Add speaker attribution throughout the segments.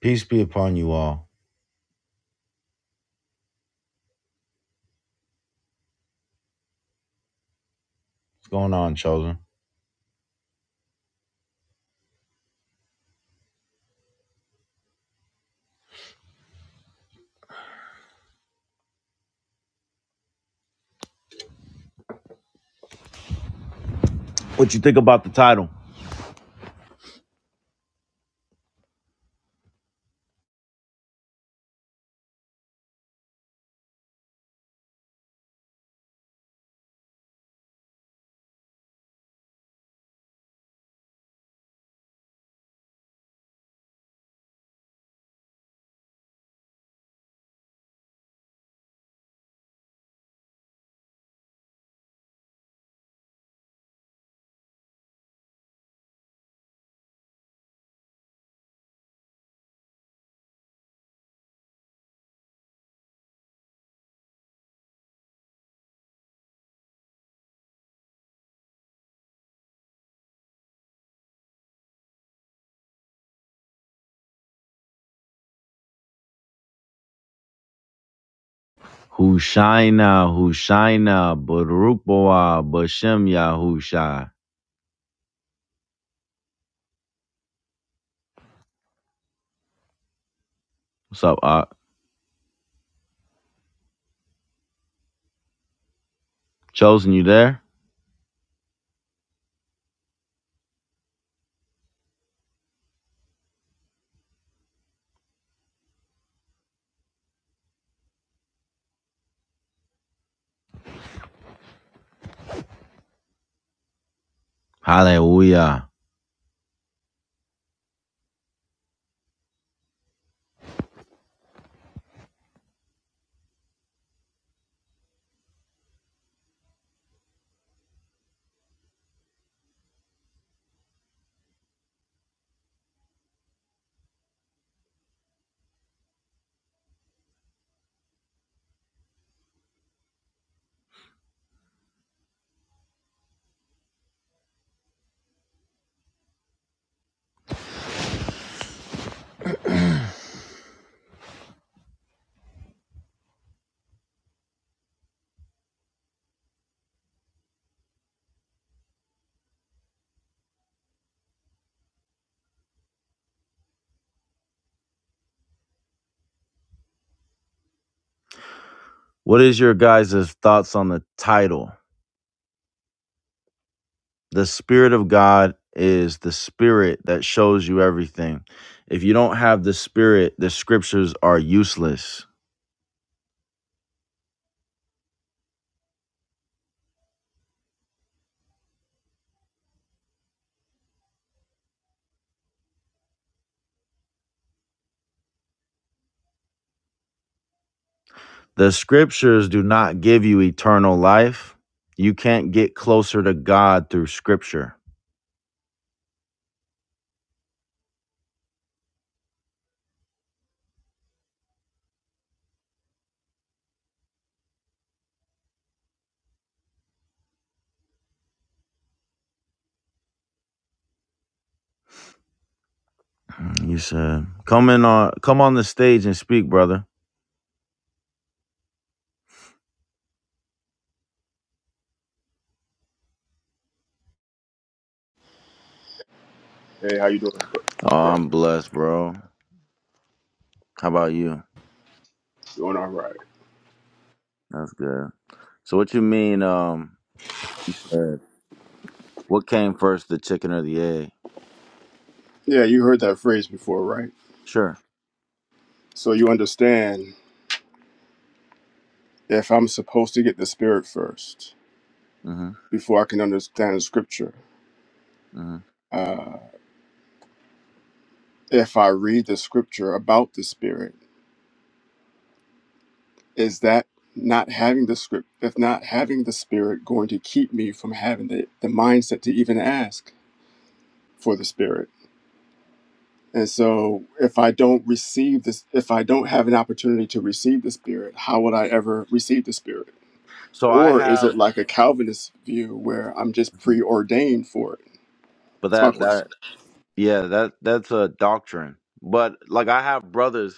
Speaker 1: Peace be upon you all. What's going on, chosen? What you think about the title? Hushaina, Hushaina, Baruch Boah, Bashem Yahusha. What's up, Art? Chosen, you there? Hallelujah. What is your guys' thoughts on the title? The Spirit of God is the Spirit that shows you everything. If you don't have the Spirit, the scriptures are useless. The scriptures do not give you eternal life. You can't get closer to God through scripture. You said, "Come in on, come on the stage and speak, brother."
Speaker 2: Hey, how you doing, bro? Bro,
Speaker 1: Oh, I'm blessed, bro. How about you?
Speaker 2: doing all right.
Speaker 1: That's good. So, what you mean? Um, you said what came first, the chicken or the egg?
Speaker 2: Yeah, you heard that phrase before, right?
Speaker 1: Sure.
Speaker 2: So you understand if I'm supposed to get the Spirit first
Speaker 1: hmm
Speaker 2: before I can understand the Scripture.
Speaker 1: hmm
Speaker 2: Uh, if I read the Scripture about the Spirit, is that not having the script? If not having the Spirit, going to keep me from having the, the mindset to even ask for the Spirit? And so, if I don't receive this, if I don't have an opportunity to receive the Spirit, how would I ever receive the Spirit?
Speaker 1: So I
Speaker 2: Or is it
Speaker 1: have,
Speaker 2: like a Calvinist view where I'm just
Speaker 1: Mhm.
Speaker 2: preordained for it?
Speaker 1: but
Speaker 2: It's my
Speaker 1: that
Speaker 2: question.
Speaker 1: that yeah, that that's a doctrine. But like I have brothers.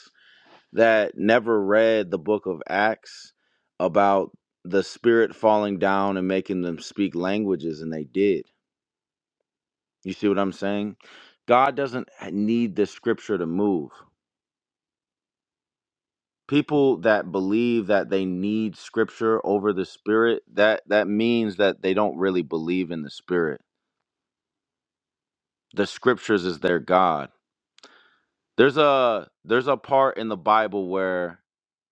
Speaker 1: that never read the book of Acts about the spirit falling down and making them speak languages, and they did. You see what I'm saying? God doesn't need the scripture to move. People that believe that they need scripture over the spirit, that that means that they don't really believe in the spirit. The scriptures is their God. There's a there's a part in the Bible where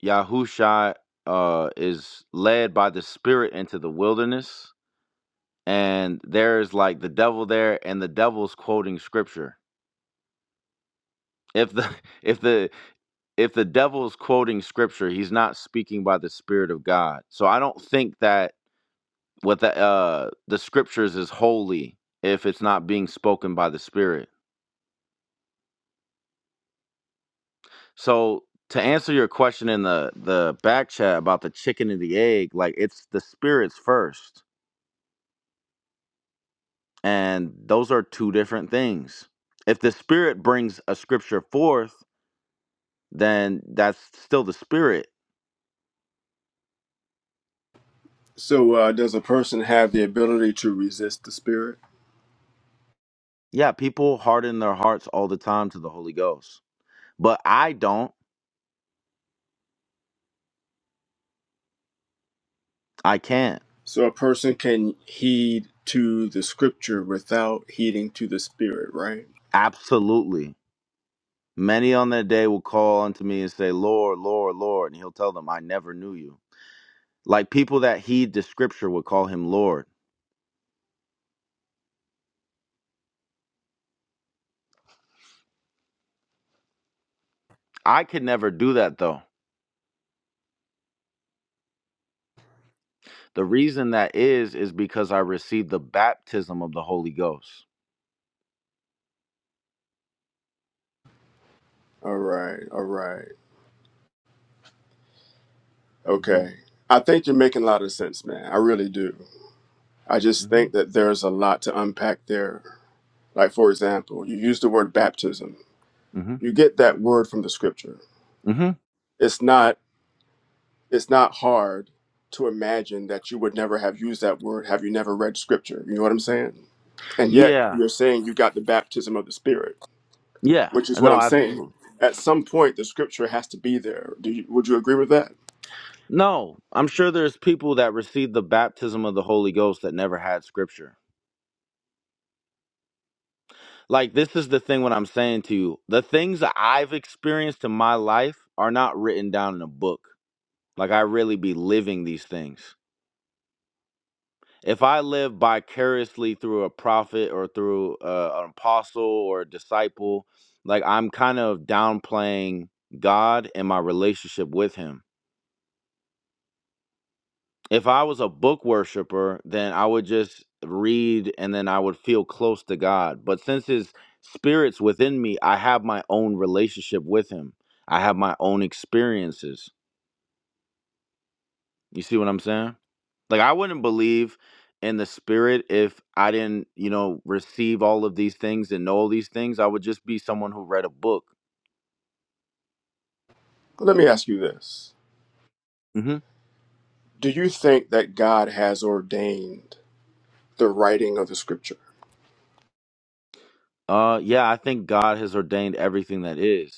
Speaker 1: Yahusha uh, is led by the Spirit into the wilderness and there's like the devil there and the devil's quoting scripture if the if the if the devil's quoting scripture he's not speaking by the spirit of god so i don't think that what the uh the scriptures is holy if it's not being spoken by the spirit so to answer your question in the the back chat about the chicken and the egg like it's the spirits first and those are two different things if the spirit brings a scripture forth then that's still the spirit.
Speaker 2: So, uh, does a person have the ability to resist the Spirit?
Speaker 1: Yeah, people harden their hearts all the time to the Holy Ghost. But I don't. I can't.
Speaker 2: So, a person can heed to the Scripture without heeding to the Spirit, right?
Speaker 1: Absolutely. Many on that day will call unto me and say, Lord, Lord, Lord. And he'll tell them, I never knew you. Like people that heed the scripture would call him Lord. I could never do that though. The reason that is, is because I received the baptism of the Holy Ghost.
Speaker 2: All right, all right.
Speaker 1: hmm
Speaker 2: Okay. I think you're making a lot of sense, man. I really do. I just
Speaker 1: hmm
Speaker 2: think that there's a lot to unpack there. Like, for example, you use the word baptism,
Speaker 1: hmm
Speaker 2: you get that word from the Scripture.
Speaker 1: hmm
Speaker 2: It's not it's not hard to imagine that you would never have used that word have you never read scripture you know what i'm saying and yet
Speaker 1: Yeah.
Speaker 2: you're saying you got the baptism of the spirit
Speaker 1: Yeah.
Speaker 2: which is what
Speaker 1: No,
Speaker 2: i'm saying
Speaker 1: absolutely.
Speaker 2: at some point the scripture has to be there Do you, would you agree with that
Speaker 1: No, I'm sure there's people that received the baptism of the Holy Ghost that never had scripture. Like this is the thing what I'm saying to you. The things that I've experienced in my life are not written down in a book. Like I really be living these things. If I live vicariously through a prophet or through uh, an apostle or a disciple, like I'm kind of downplaying God and my relationship with him if I was a book worshiper, then I would just read and then I would feel close to God. But since his spirit's within me, I have my own relationship with him. I have my own experiences. You see what I'm saying? Like I wouldn't believe in the spirit if I didn't, you know, receive all of these things and know all these things. I would just be someone who read a book.
Speaker 2: let me ask you this
Speaker 1: hmm
Speaker 2: do you think that god has ordained the writing of the scripture
Speaker 1: Uh yeah, I think God has ordained everything that is.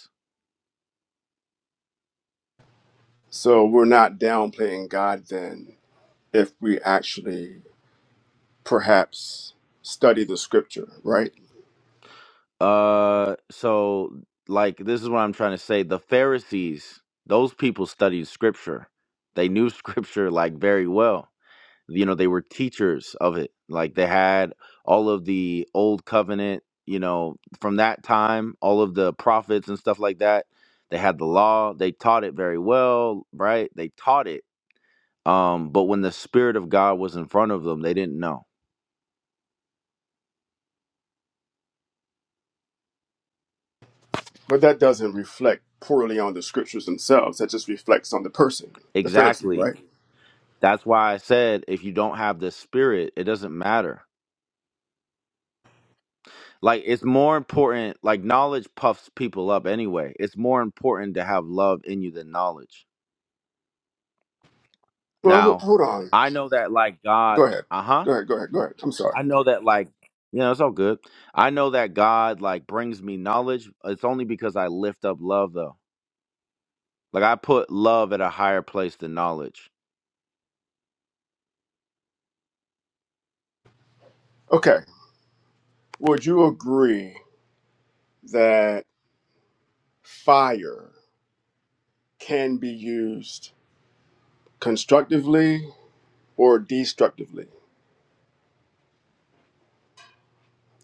Speaker 2: so we're not downplaying god then if we actually perhaps study the scripture right
Speaker 1: Uh, so like this is what I'm trying to say. The Pharisees, those people studied scripture. They knew scripture like very well. You know, they were teachers of it. Like they had all of the old covenant, you know, from that time, all of the prophets and stuff like that. They had the law. They taught it very well, right? They taught it. Um, but when the spirit of God was in front of them, they didn't know.
Speaker 2: But that doesn't reflect poorly on the scriptures themselves. That just reflects on the person, the Pharisee,
Speaker 1: Exactly.
Speaker 2: right?
Speaker 1: That's why I said if you don't have the spirit, it doesn't matter Like it's more important. Like knowledge puffs people up anyway. It's more important to have love in you than knowledge.
Speaker 2: Well, ho-
Speaker 1: Now,
Speaker 2: hold on.
Speaker 1: I know that like God.
Speaker 2: Go ahead.
Speaker 1: Uh huh.
Speaker 2: Go ahead. Go ahead. Go ahead. I'm sorry.
Speaker 1: I know that like you know it's all good. I know that God like brings me knowledge. It's only because I lift up love though. Like I put love at a higher place than knowledge.
Speaker 2: Okay. Would you agree that fire can be used constructively or destructively?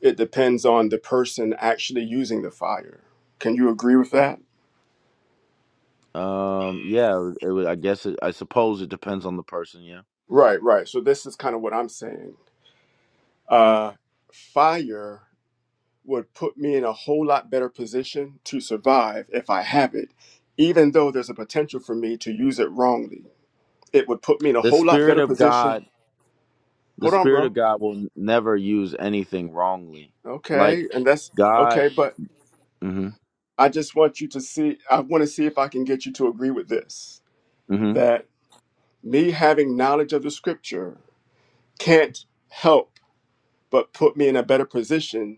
Speaker 2: It depends on the person actually using the fire. Can you agree with that?
Speaker 1: Um. Yeah. It, would I guess. It, I suppose it depends on the person. Yeah.
Speaker 2: Right, right. So this is kind of what I'm saying. Uh, fire would put me in a whole lot better position to survive if I have it, even though there's a potential for me to use it wrongly. It would put me in a
Speaker 1: The
Speaker 2: whole lot
Speaker 1: spirit
Speaker 2: better
Speaker 1: of
Speaker 2: position.
Speaker 1: God the
Speaker 2: Hold on,
Speaker 1: spirit of
Speaker 2: bro.
Speaker 1: God will never use anything wrongly. Like
Speaker 2: Okay. And that's
Speaker 1: God,
Speaker 2: okay. But
Speaker 1: hmm
Speaker 2: I just want you to see, I want to see if I can get you to agree with this
Speaker 1: hmm
Speaker 2: that me having knowledge of the scripture can't help but put me in a better position,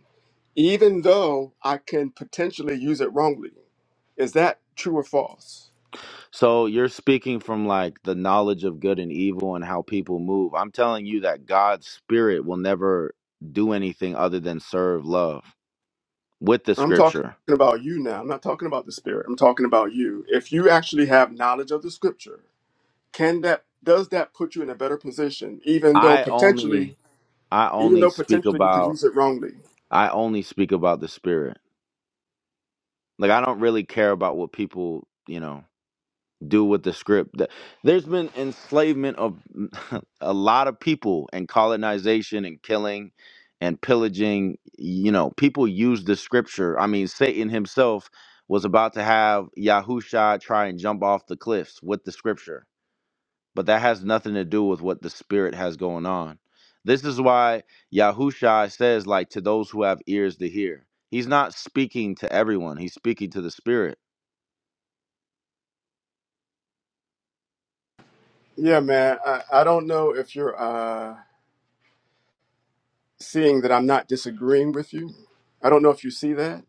Speaker 2: even though I can potentially use it wrongly. Is that true or false?
Speaker 1: so you're speaking from like the knowledge of good and evil and how people move. I'm telling you that God's spirit will never do anything other than serve love with the
Speaker 2: I'm talking
Speaker 1: scripture.
Speaker 2: about you now. I'm not talking about the spirit. I'm talking about you. If you actually have knowledge of the scripture, can that does that put you in a better position, even though
Speaker 1: I only,
Speaker 2: potentially,
Speaker 1: I
Speaker 2: even
Speaker 1: only
Speaker 2: though
Speaker 1: speak
Speaker 2: potentially you could
Speaker 1: about,
Speaker 2: use it wrongly?
Speaker 1: I only speak about the spirit. Like I don't really care about what people, you know. do with the script. Th- There's been enslavement of a lot of people and colonization and killing and pillaging. You know, people use the scripture. I mean, Satan himself was about to have Yahusha try and jump off the cliffs with the scripture, but that has nothing to do with what the spirit has going on. This is why Yahusha says, like, to those who have ears to hear. He's not speaking to everyone, he's speaking to the spirit.
Speaker 2: Yeah, man. I, I don't know if you're uh, seeing that I'm not disagreeing with you. I don't know if you see that.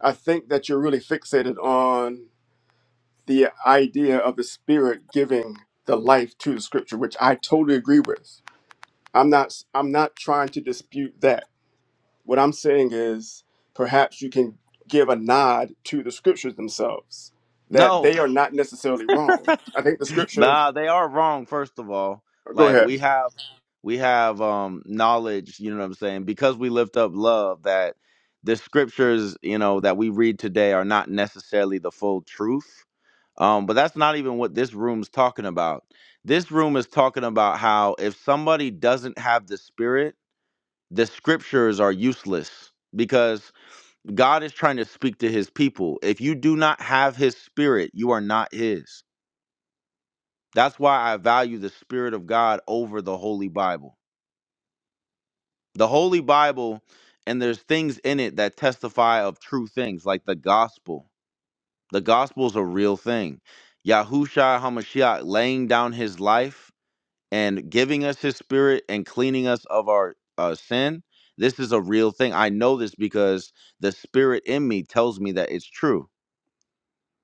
Speaker 2: I think that you're really fixated on the idea of the spirit giving the life to the scripture, which I totally agree with. I'm not. I'm not trying to dispute that. What I'm saying is perhaps you can give a nod to the scriptures themselves that
Speaker 1: No.
Speaker 2: they are not necessarily wrong. I think the scriptures
Speaker 1: Nah, they are wrong, first of all.
Speaker 2: go
Speaker 1: Like we
Speaker 2: ahead.
Speaker 1: have we have um knowledge, you know what I'm saying, because we lift up love that the scriptures, you know, that we read today are not necessarily the full truth. Um, but that's not even what this room's talking about. This room is talking about how if somebody doesn't have the spirit, the scriptures are useless because God is trying to speak to his people. If you do not have his spirit, you are not his. That's why I value the Spirit of God over the Holy Bible. The Holy Bible, and there's things in it that testify of true things, like the gospel. The gospel is a real thing. Yahushua HaMashiach laying down his life and giving us his spirit and cleaning us of our uh, sin. This is a real thing. I know this because the spirit in me tells me that it's true.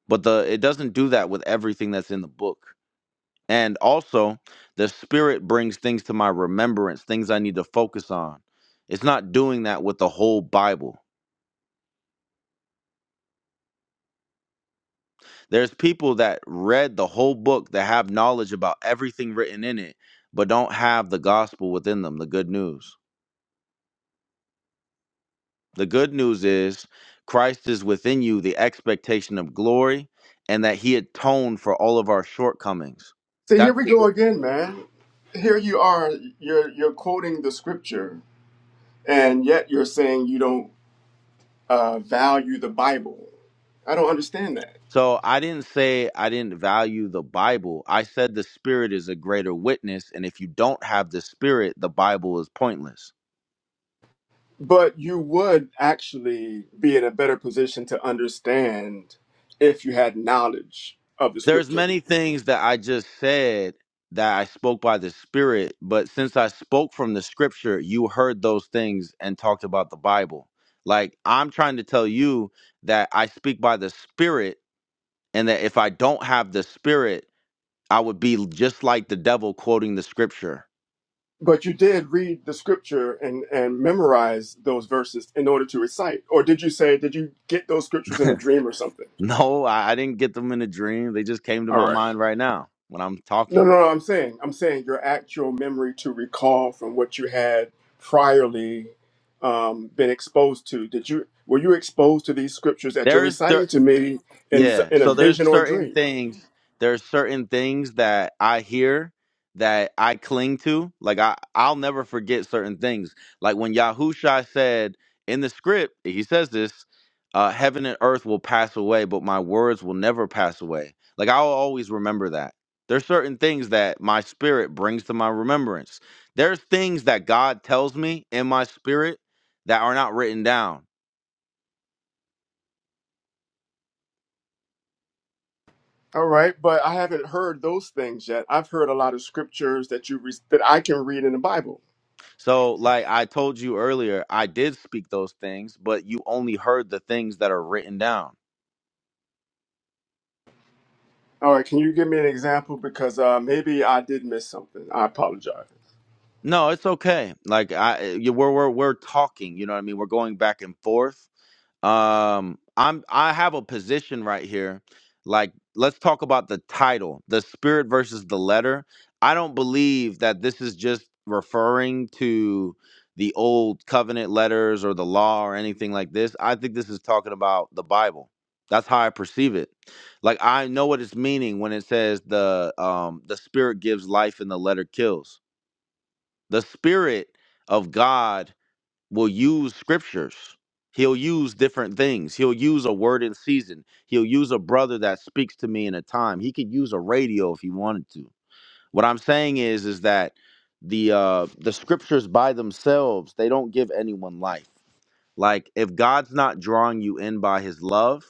Speaker 1: But the it doesn't do that with everything that's in the book. And also, the spirit brings things to my remembrance, things I need to focus on. It's not doing that with the whole Bible. There's people that read the whole book that have knowledge about everything written in it, but don't have the gospel within them, the good news. The good news is Christ is within you, the expectation of glory, and that he atoned for all of our shortcomings.
Speaker 2: So here
Speaker 1: That's
Speaker 2: we
Speaker 1: the good
Speaker 2: go again, man. Here you are, you're you're quoting the scripture and yet you're saying you don't uh, value the Bible. I don't understand that.
Speaker 1: So I didn't say I didn't value the Bible. I said the Spirit is a greater witness, and if you don't have the Spirit, the Bible is pointless.
Speaker 2: But you would actually be in a better position to understand if you had knowledge of the
Speaker 1: There's
Speaker 2: scripture.
Speaker 1: many things that I just said that I spoke by the Spirit, but since I spoke from the Scripture, you heard those things and talked about the Bible. Like I'm trying to tell you that I speak by the Spirit, and that if I don't have the Spirit, I would be just like the devil quoting the Scripture.
Speaker 2: But you did read the scripture and, and memorize those verses in order to recite. Or did you say, did you get those scriptures in a dream or something?
Speaker 1: No, I, I didn't get them in a dream. They just came to
Speaker 2: All
Speaker 1: my
Speaker 2: right.
Speaker 1: mind right now when I'm
Speaker 2: No,
Speaker 1: talking.
Speaker 2: no, no. I'm saying, I'm saying your actual memory to recall from what you had priorly um, been exposed to. Did you, were you exposed to these scriptures that you're
Speaker 1: There is there
Speaker 2: reciting to me in, s-
Speaker 1: Yeah.
Speaker 2: in a
Speaker 1: So there's
Speaker 2: vision or
Speaker 1: certain
Speaker 2: dream?
Speaker 1: things, there's certain things that I hear that I cling to. Like I I'll never forget certain things. Like when Yahusha said in the script, he says this, uh, heaven and earth will pass away, but my words will never pass away. Like I'll always remember that. There's certain things that my spirit brings to my remembrance. There's things that God tells me in my spirit that are not written down
Speaker 2: All right, but I haven't heard those things yet. I've heard a lot of scriptures that you re- that I can read in the Bible.
Speaker 1: So, like I told you earlier, I did speak those things, but you only heard the things that are written down.
Speaker 2: All right, can you give me an example? Because uh, maybe I did miss something. I apologize.
Speaker 1: No, it's okay. Like I, eh, you, we're we're we're talking. You know what I mean? We're going back and forth Um, I'm I have a position right here. Like, let's talk about the title, the spirit versus the letter. I don't believe that this is just referring to the old covenant letters or the law or anything like this. I think this is talking about the Bible. That's how I perceive it. Like I know what it's meaning when it says the um the spirit gives life and the letter kills. The spirit of God will use scriptures. He'll use different things. He'll use a word in season. He'll use a brother that speaks to me in a time. He could use a radio if he wanted to. What I'm saying is is that the uh the scriptures by themselves, they don't give anyone life. Like if God's not drawing you in by his love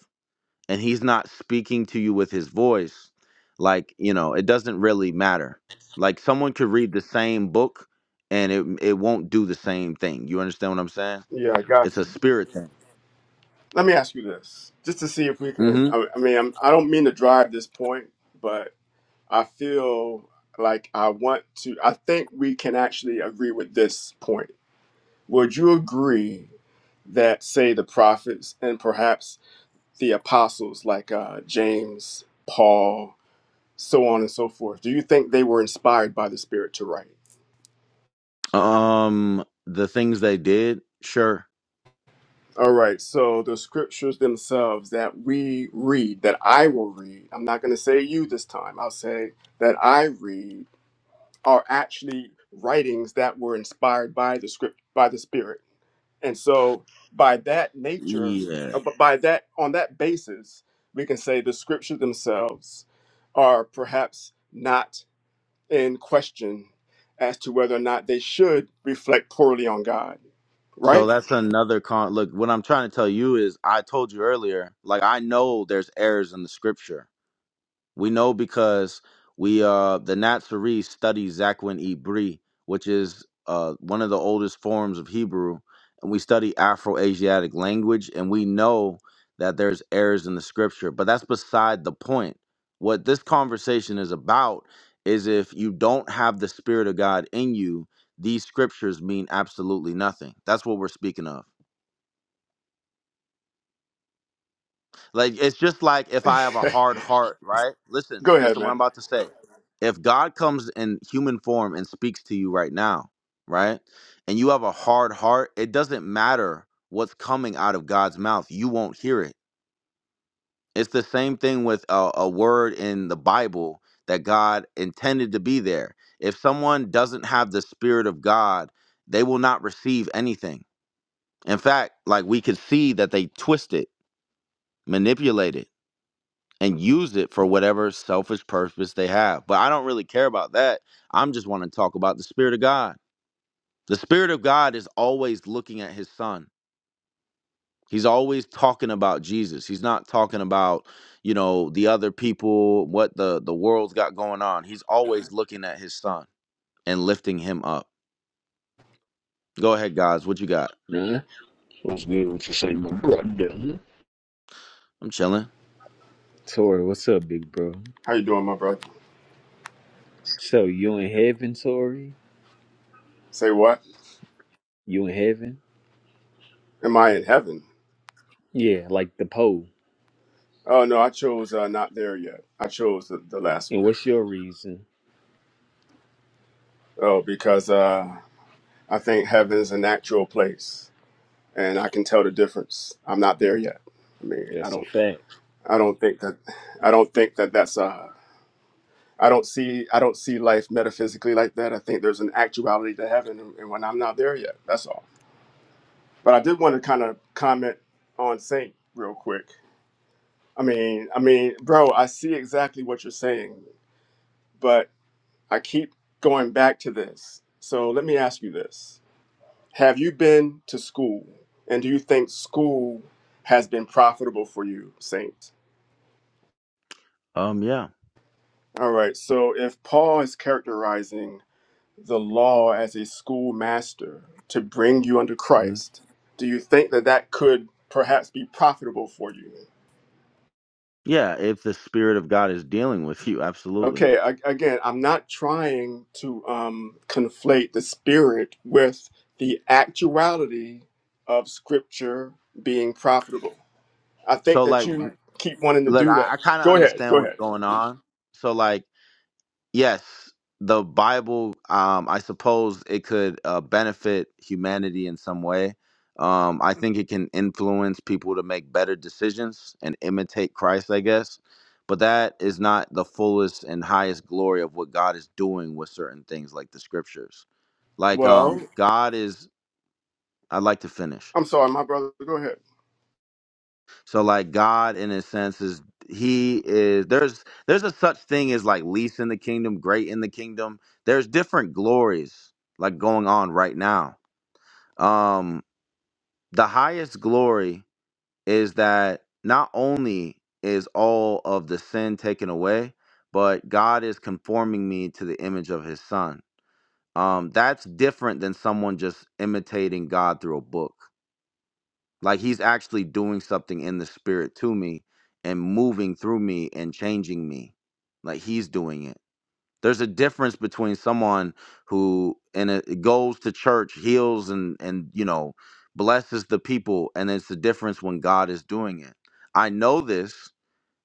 Speaker 1: and he's not speaking to you with his voice, like, you know, it doesn't really matter. Like someone could read the same book and it it won't do the same thing. You understand what I'm saying?
Speaker 2: Yeah, I got
Speaker 1: It's a
Speaker 2: you.
Speaker 1: spirit thing.
Speaker 2: Let me ask you this, just to see if we can.
Speaker 1: hmm
Speaker 2: I, I mean, I'm, I don't mean to drive this point, but I feel like I want to. I think we can actually agree with this point. Would you agree that, say, the prophets and perhaps the apostles, like uh, James, Paul, so on and so forth, do you think they were inspired by the Spirit to write?
Speaker 1: Um, the things they did, sure.
Speaker 2: All right, so the scriptures themselves that we read, that I will read, I'm not going to say you this time, I'll say that I read are actually writings that were inspired by the script, by the Spirit. And so, by that nature,
Speaker 1: Yeah.
Speaker 2: uh, b- by that, on that basis, we can say the scriptures themselves are perhaps not in question as to whether or not they should reflect poorly on God,
Speaker 1: So
Speaker 2: right?
Speaker 1: that's another con. Look, what I'm trying to tell you is, I told you earlier. Like I know there's errors in the scripture. We know because we uh the Natsari study Zakwin Ibri, which is uh one of the oldest forms of Hebrew, and we study Afro-Asiatic language, and we know that there's errors in the scripture, but that's beside the point. What this conversation is about is if you don't have the spirit of God in you, these scriptures mean absolutely nothing. That's what we're speaking of. Like it's just like if I have a hard heart, right? Listen,
Speaker 2: Go ahead,
Speaker 1: listen what I'm
Speaker 2: man.
Speaker 1: about to say. If God comes in human form and speaks to you right now, right? And you have a hard heart, it doesn't matter what's coming out of God's mouth. You won't hear it. It's the same thing with a, a word in the Bible that God intended to be there. If someone doesn't have the spirit of God, they will not receive anything. In fact, like we could see that they twist it, manipulate it and use it for whatever selfish purpose they have. But I don't really care about that. I'm just want to talk about the Spirit of God. The Spirit of God is always looking at His Son. He's always talking about Jesus. He's not talking about, you know, the other people, what the the world's got going on. He's always looking at His Son and lifting Him up. Go ahead, guys. What you got?
Speaker 3: Nah, what's good with you say, my brother?
Speaker 1: I'm chilling.
Speaker 3: Tori, what's up, big bro?
Speaker 2: How you doing, my brother?
Speaker 3: So you in heaven, Tori?
Speaker 2: Say what?
Speaker 3: You in heaven?
Speaker 2: Am I in heaven?
Speaker 3: Yeah, like the pole.
Speaker 2: Oh no, I chose uh, not there yet. I chose the, the last
Speaker 3: And
Speaker 2: one.
Speaker 3: what's your reason?
Speaker 2: Oh, because uh, I think heaven's an actual place, and I can tell the difference. I'm not there yet. I mean, I
Speaker 3: That's a
Speaker 2: don't,
Speaker 3: fact.
Speaker 2: I don't think that, I don't think that that's uh, I don't see, I don't see life metaphysically like that. I think there's an actuality to heaven, and when I'm not there yet, that's all. But I did want to kind of comment on Saint real quick. I mean, I mean, bro, I see exactly what you're saying. but I keep going back to this. So let me ask you this Have you been to school? And do you think school has been profitable for you, Saint?
Speaker 1: Um, yeah,
Speaker 2: All right, so if Paul is characterizing the law as a schoolmaster to bring you under
Speaker 1: Mhm.
Speaker 2: Christ, do you think that that could perhaps be profitable for you?
Speaker 1: yeah. If the Spirit of God is dealing with you, absolutely.
Speaker 2: Okay, I, again, I'm not trying to um, conflate the spirit with the actuality of scripture being profitable. I
Speaker 1: So,
Speaker 2: think that
Speaker 1: like,
Speaker 2: you keep wanting to
Speaker 1: look,
Speaker 2: do
Speaker 1: I,
Speaker 2: that.
Speaker 1: I kind of
Speaker 2: Go ahead,
Speaker 1: understand
Speaker 2: go
Speaker 1: what's
Speaker 2: ahead.
Speaker 1: going on. So, like, yes, the Bible, um, I suppose it could uh, benefit humanity in some way. Um, I think it can influence people to make better decisions and imitate Christ, I guess. But that is not the fullest and highest glory of what God is doing with certain things like the scriptures. Like, um,
Speaker 2: Well,
Speaker 1: God is, I'd like to finish.
Speaker 2: I'm sorry, my brother, go ahead.
Speaker 1: So like God in a sense is he is there's there's a such thing as like least in the kingdom, great in the kingdom. There's different glories like going on right now. Um the highest glory is that not only is all of the sin taken away, but God is conforming me to the image of his son. Um that's different than someone just imitating God through a book. Like he's actually doing something in the spirit to me and moving through me and changing me. Like he's doing it. There's a difference between someone who and it goes to church, heals and and you know, blesses the people and it's the difference when God is doing it. I know this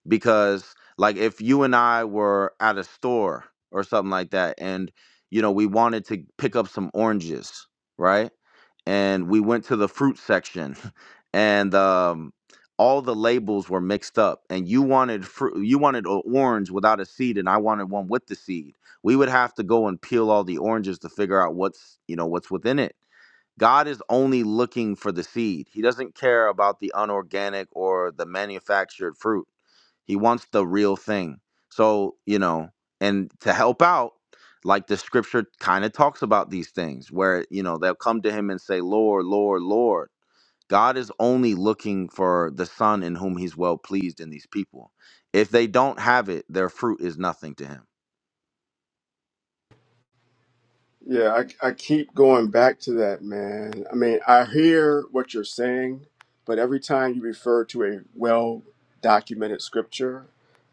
Speaker 1: because like if you and I were at a store or something like that and you know, we wanted to pick up some oranges, right? and we went to the fruit section and um all the labels were mixed up and you wanted fruit you wanted an orange without a seed and i wanted one with the seed we would have to go and peel all the oranges to figure out what's you know what's within it God is only looking for the seed. He doesn't care about the unorganic or the manufactured fruit. He wants the real thing. So, you know, and to help out, like the scripture kind of talks about these things where, you know, they'll come to him and say, Lord, Lord, Lord. God is only looking for the son in whom he's well pleased in these people. If they don't have it, their fruit is nothing to him.
Speaker 2: Yeah, I, I keep going back to that, man. I mean, I hear what you're saying, but every time you refer to a well documented scripture,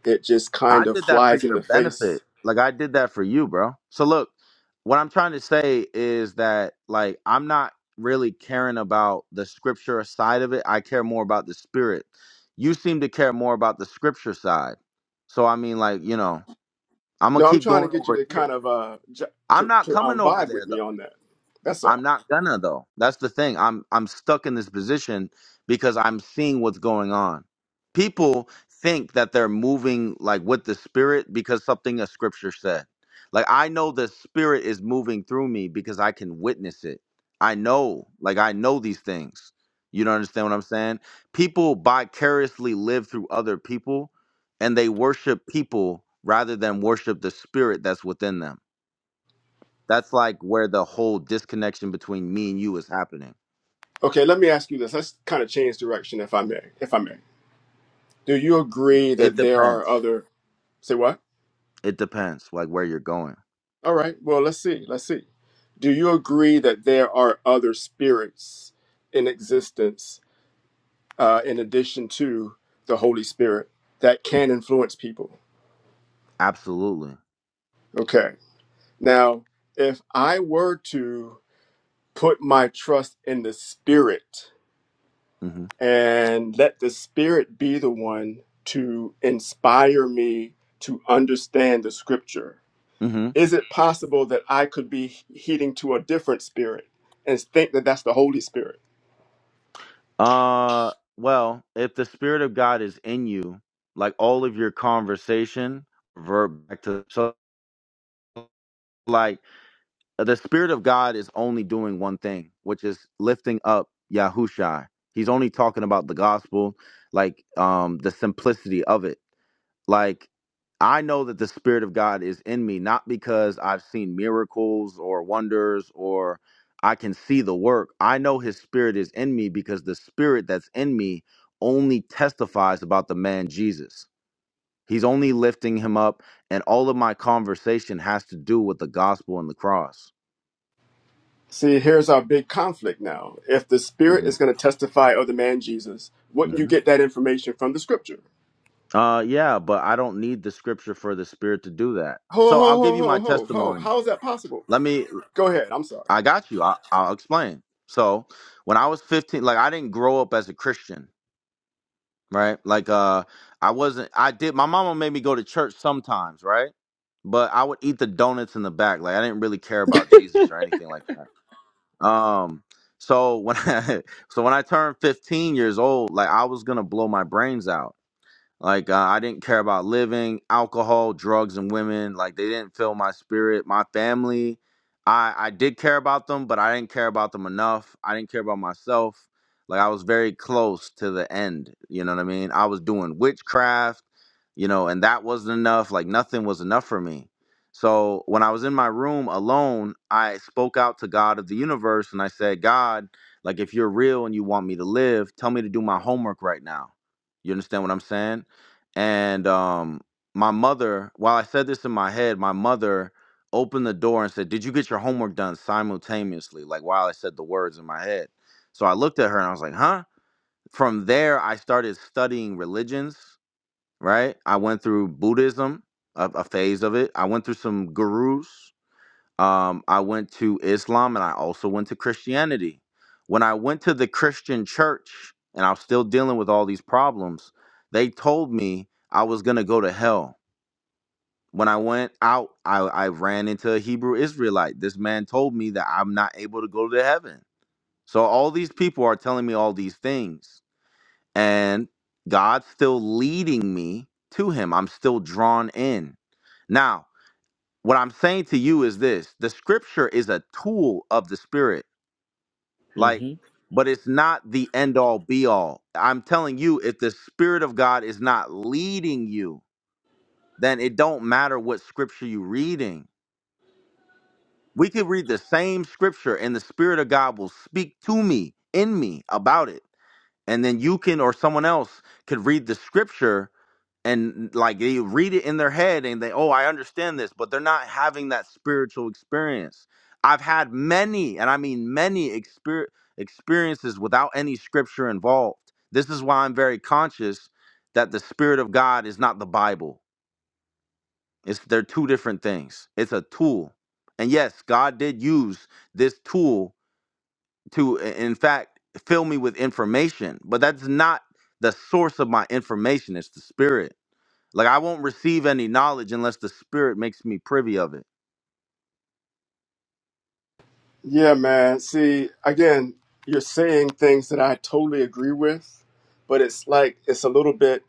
Speaker 2: it just
Speaker 1: I
Speaker 2: kind of
Speaker 1: did that for
Speaker 2: flies in
Speaker 1: your
Speaker 2: the face
Speaker 1: benefit. Like I did that for you, bro. So look, what I'm trying to say is that like I'm not really caring about the scripture side of it. I care more about the spirit. You seem to care more about the scripture side. So I mean like, you know, I'm going to
Speaker 2: No, I'm
Speaker 1: keep
Speaker 2: trying to
Speaker 1: going
Speaker 2: get you
Speaker 1: over
Speaker 2: to
Speaker 1: here.
Speaker 2: kind of uh j-
Speaker 1: I'm
Speaker 2: to
Speaker 1: not
Speaker 2: to um,
Speaker 1: coming over
Speaker 2: vibe with
Speaker 1: there
Speaker 2: me on that. That's
Speaker 1: I'm
Speaker 2: all.
Speaker 1: not gonna though. That's the thing. I'm I'm stuck in this position because I'm seeing what's going on. People think that they're moving like with the spirit because something a scripture said. Like I know the spirit is moving through me because I can witness it. I know, like I know these things. You don't understand what I'm saying? People vicariously live through other people and they worship people rather than worship the spirit that's within them that's like where the whole disconnection between me and you is happening.
Speaker 2: Okay, let me ask you this. Let's kind of change direction, if I may. If I may, do you agree
Speaker 1: It
Speaker 2: that there are
Speaker 1: depends.
Speaker 2: other? Say what?
Speaker 1: It depends, like where you're going.
Speaker 2: All right. Well, let's see. Let's see. Do you agree that there are other spirits in existence uh, in addition to the Holy Spirit that can influence people?
Speaker 1: Absolutely.
Speaker 2: Okay. Now, if I were to put my trust in the Spirit
Speaker 1: hmm
Speaker 2: and let the Spirit be the one to inspire me to understand the scripture.
Speaker 1: hmm
Speaker 2: Is it possible that I could be heeding to a different spirit and think that that's the Holy Spirit?
Speaker 1: Uh, well, if the spirit of God is in you, like all of your conversation, verb back to so like the spirit of God is only doing one thing, which is lifting up Yahushai. He's only talking about the gospel, like um the simplicity of it. Like I know that the spirit of God is in me not because I've seen miracles or wonders or I can see the work. I know his spirit is in me because the spirit that's in me only testifies about the man Jesus. He's only lifting him up and all of my conversation has to do with the gospel and the cross.
Speaker 2: See, here's our big conflict now. If the Spirit
Speaker 1: hmm
Speaker 2: is going to testify of the man Jesus, wouldn't you
Speaker 1: hmm
Speaker 2: get that information from the scripture?
Speaker 1: Uh, yeah, but I don't need the scripture for the spirit to do that.
Speaker 2: Ho,
Speaker 1: So I'll
Speaker 2: ho,
Speaker 1: give
Speaker 2: ho,
Speaker 1: you
Speaker 2: ho,
Speaker 1: my
Speaker 2: ho, ho.
Speaker 1: testimony.
Speaker 2: How is that possible?
Speaker 1: Let me.
Speaker 2: Go ahead. I'm sorry.
Speaker 1: I got you. I, I'll explain. So when I was 15, like I didn't grow up as a Christian, right? Like uh, I wasn't. I did. My mama made me go to church sometimes, right? But I would eat the donuts in the back. Like I didn't really care about Jesus or anything like that. Um. So when I, so when I turned 15 years old, like I was gonna blow my brains out. Like uh, I didn't care about living, alcohol, drugs, and women. Like they didn't fill my spirit, my family. I I did care about them, but I didn't care about them enough. I didn't care about myself. Like I was very close to the end. You know what I mean? I was doing witchcraft, you know, and that wasn't enough. Like nothing was enough for me. So when I was in my room alone, I spoke out to God of the universe and I said, God, like if you're real and you want me to live, tell me to do my homework right now. You understand what I'm saying? And um, my mother, while I said this in my head, my mother opened the door and said, Did you get your homework done simultaneously? Like while I said the words in my head. So I looked at her and I was like, Huh? From there, I started studying religions, right? I went through Buddhism, a, a phase of it. I went through some gurus um, I went to Islam and I also went to Christianity. When I went to the Christian church and I was still dealing with all these problems, they told me I was going to go to hell. When I went out, I, I ran into a Hebrew Israelite. This man told me that I'm not able to go to heaven. So all these people are telling me all these things, and God's still leading me to Him. I'm still drawn in. Now, what I'm saying to you is this the scripture is a tool of the spirit, like,
Speaker 3: Mm-hmm.
Speaker 1: but it's not the end all be all. I'm telling you, if the spirit of God is not leading you, then it don't matter what scripture you're reading. We could read the same scripture and the spirit of God will speak to me in me about it. And then you can or someone else could read the scripture and like they read it in their head and they oh i understand this but they're not having that spiritual experience i've had many and i mean many exper- experiences without any scripture involved this is why i'm very conscious that the spirit of god is not the bible it's they're two different things it's a tool and yes god did use this tool to i- in fact fill me with information but that's not the source of my information it's the spirit like I won't receive any knowledge unless the spirit makes me privy of it.
Speaker 2: Yeah, man. See, again, you're saying things that I totally agree with, but it's like it's a little bit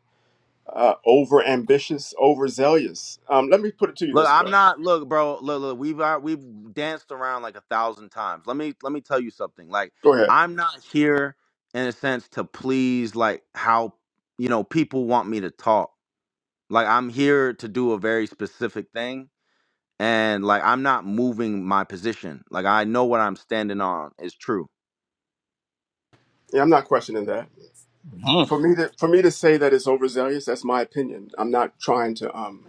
Speaker 2: uh, over ambitious, overzealous. Um, let me put it to you
Speaker 1: Look,
Speaker 2: this
Speaker 1: I'm
Speaker 2: way.
Speaker 1: not look, bro, look, look, we've uh, we've danced around like a thousand times. Let me let me tell you something. Like
Speaker 2: Go ahead.
Speaker 1: I'm not here in a sense to please like how you know people want me to talk. Like I'm here to do a very specific thing and like I'm not moving my position. Like I know what I'm standing on is true.
Speaker 2: Yeah, I'm not questioning that.
Speaker 4: Mhm.
Speaker 2: For me to for me to say that it's overzealous, that's my opinion. I'm not trying to um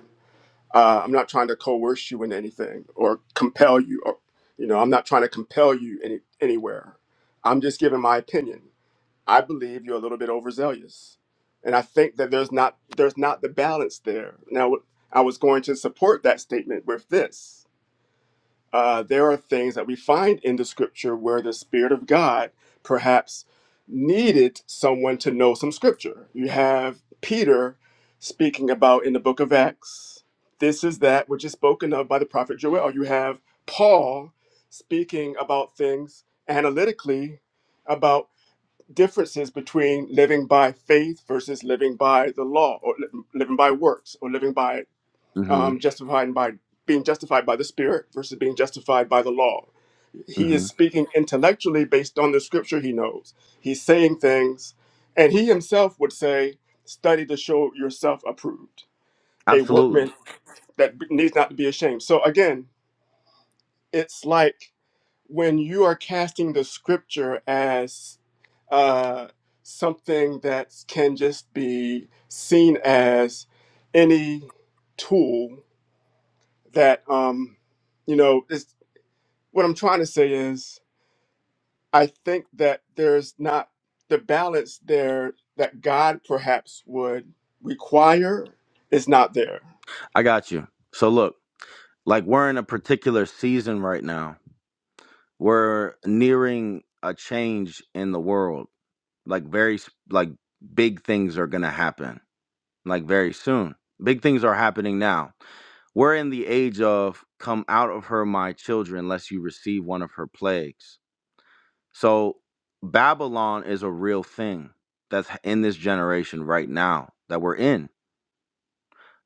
Speaker 2: uh, I'm not trying to coerce you into anything or compel you or you know I'm not trying to compel you any anywhere. I'm just giving my opinion. I believe you're a little bit overzealous, and I think that there's not there's not the balance there. Now, I was going to support that statement with this. Uh, there are things that we find in the scripture where the Spirit of God perhaps needed someone to know some scripture. You have Peter speaking about in the book of Acts, this is that which is spoken of by the prophet Joel. You have Paul speaking about things analytically about differences between living by faith versus living by the law or li- living by works or living by
Speaker 1: Mhm.
Speaker 2: um, justified by being justified by the spirit versus being justified by the law he is
Speaker 1: Mhm.
Speaker 2: speaking intellectually based on the scripture he knows he's saying things and he himself would say study to show yourself approved a
Speaker 1: Absolutely.
Speaker 2: workman that b- needs not to be ashamed so again it's like when you are casting the scripture as uh, something that can just be seen as any tool that um, you know is what i'm trying to say is i think that there's not the balance there that god perhaps would require is not there
Speaker 1: I got you. So look, like we're in a particular season right now We're nearing a change in the world. Like very s- like big things are going to happen like very soon. Big things are happening now. We're in the age of come out of her my children lest you receive one of her plagues. So Babylon is a real thing that's h- in this generation right now that we're in.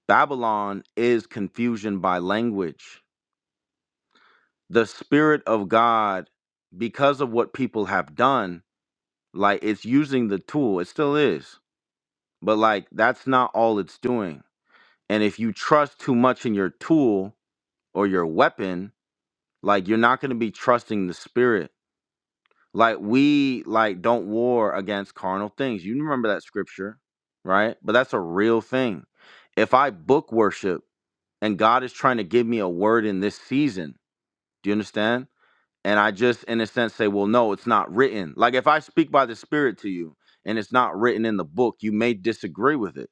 Speaker 1: Babylon is confusion by language. The spirit of God because of what people have done Like it's using the tool, it still is, but like that's not all it's doing. And if you trust too much in your tool or your weapon, like you're not going to be trusting the spirit. Like we like don't war against carnal things. You remember that scripture, right? But that's a real thing. If I book worship and God is trying to give me a word in this season, do you understand? and I just, in a sense, say, well, no, it's not written. Like if I speak by the Spirit to you and it's not written in the book, you may disagree with it.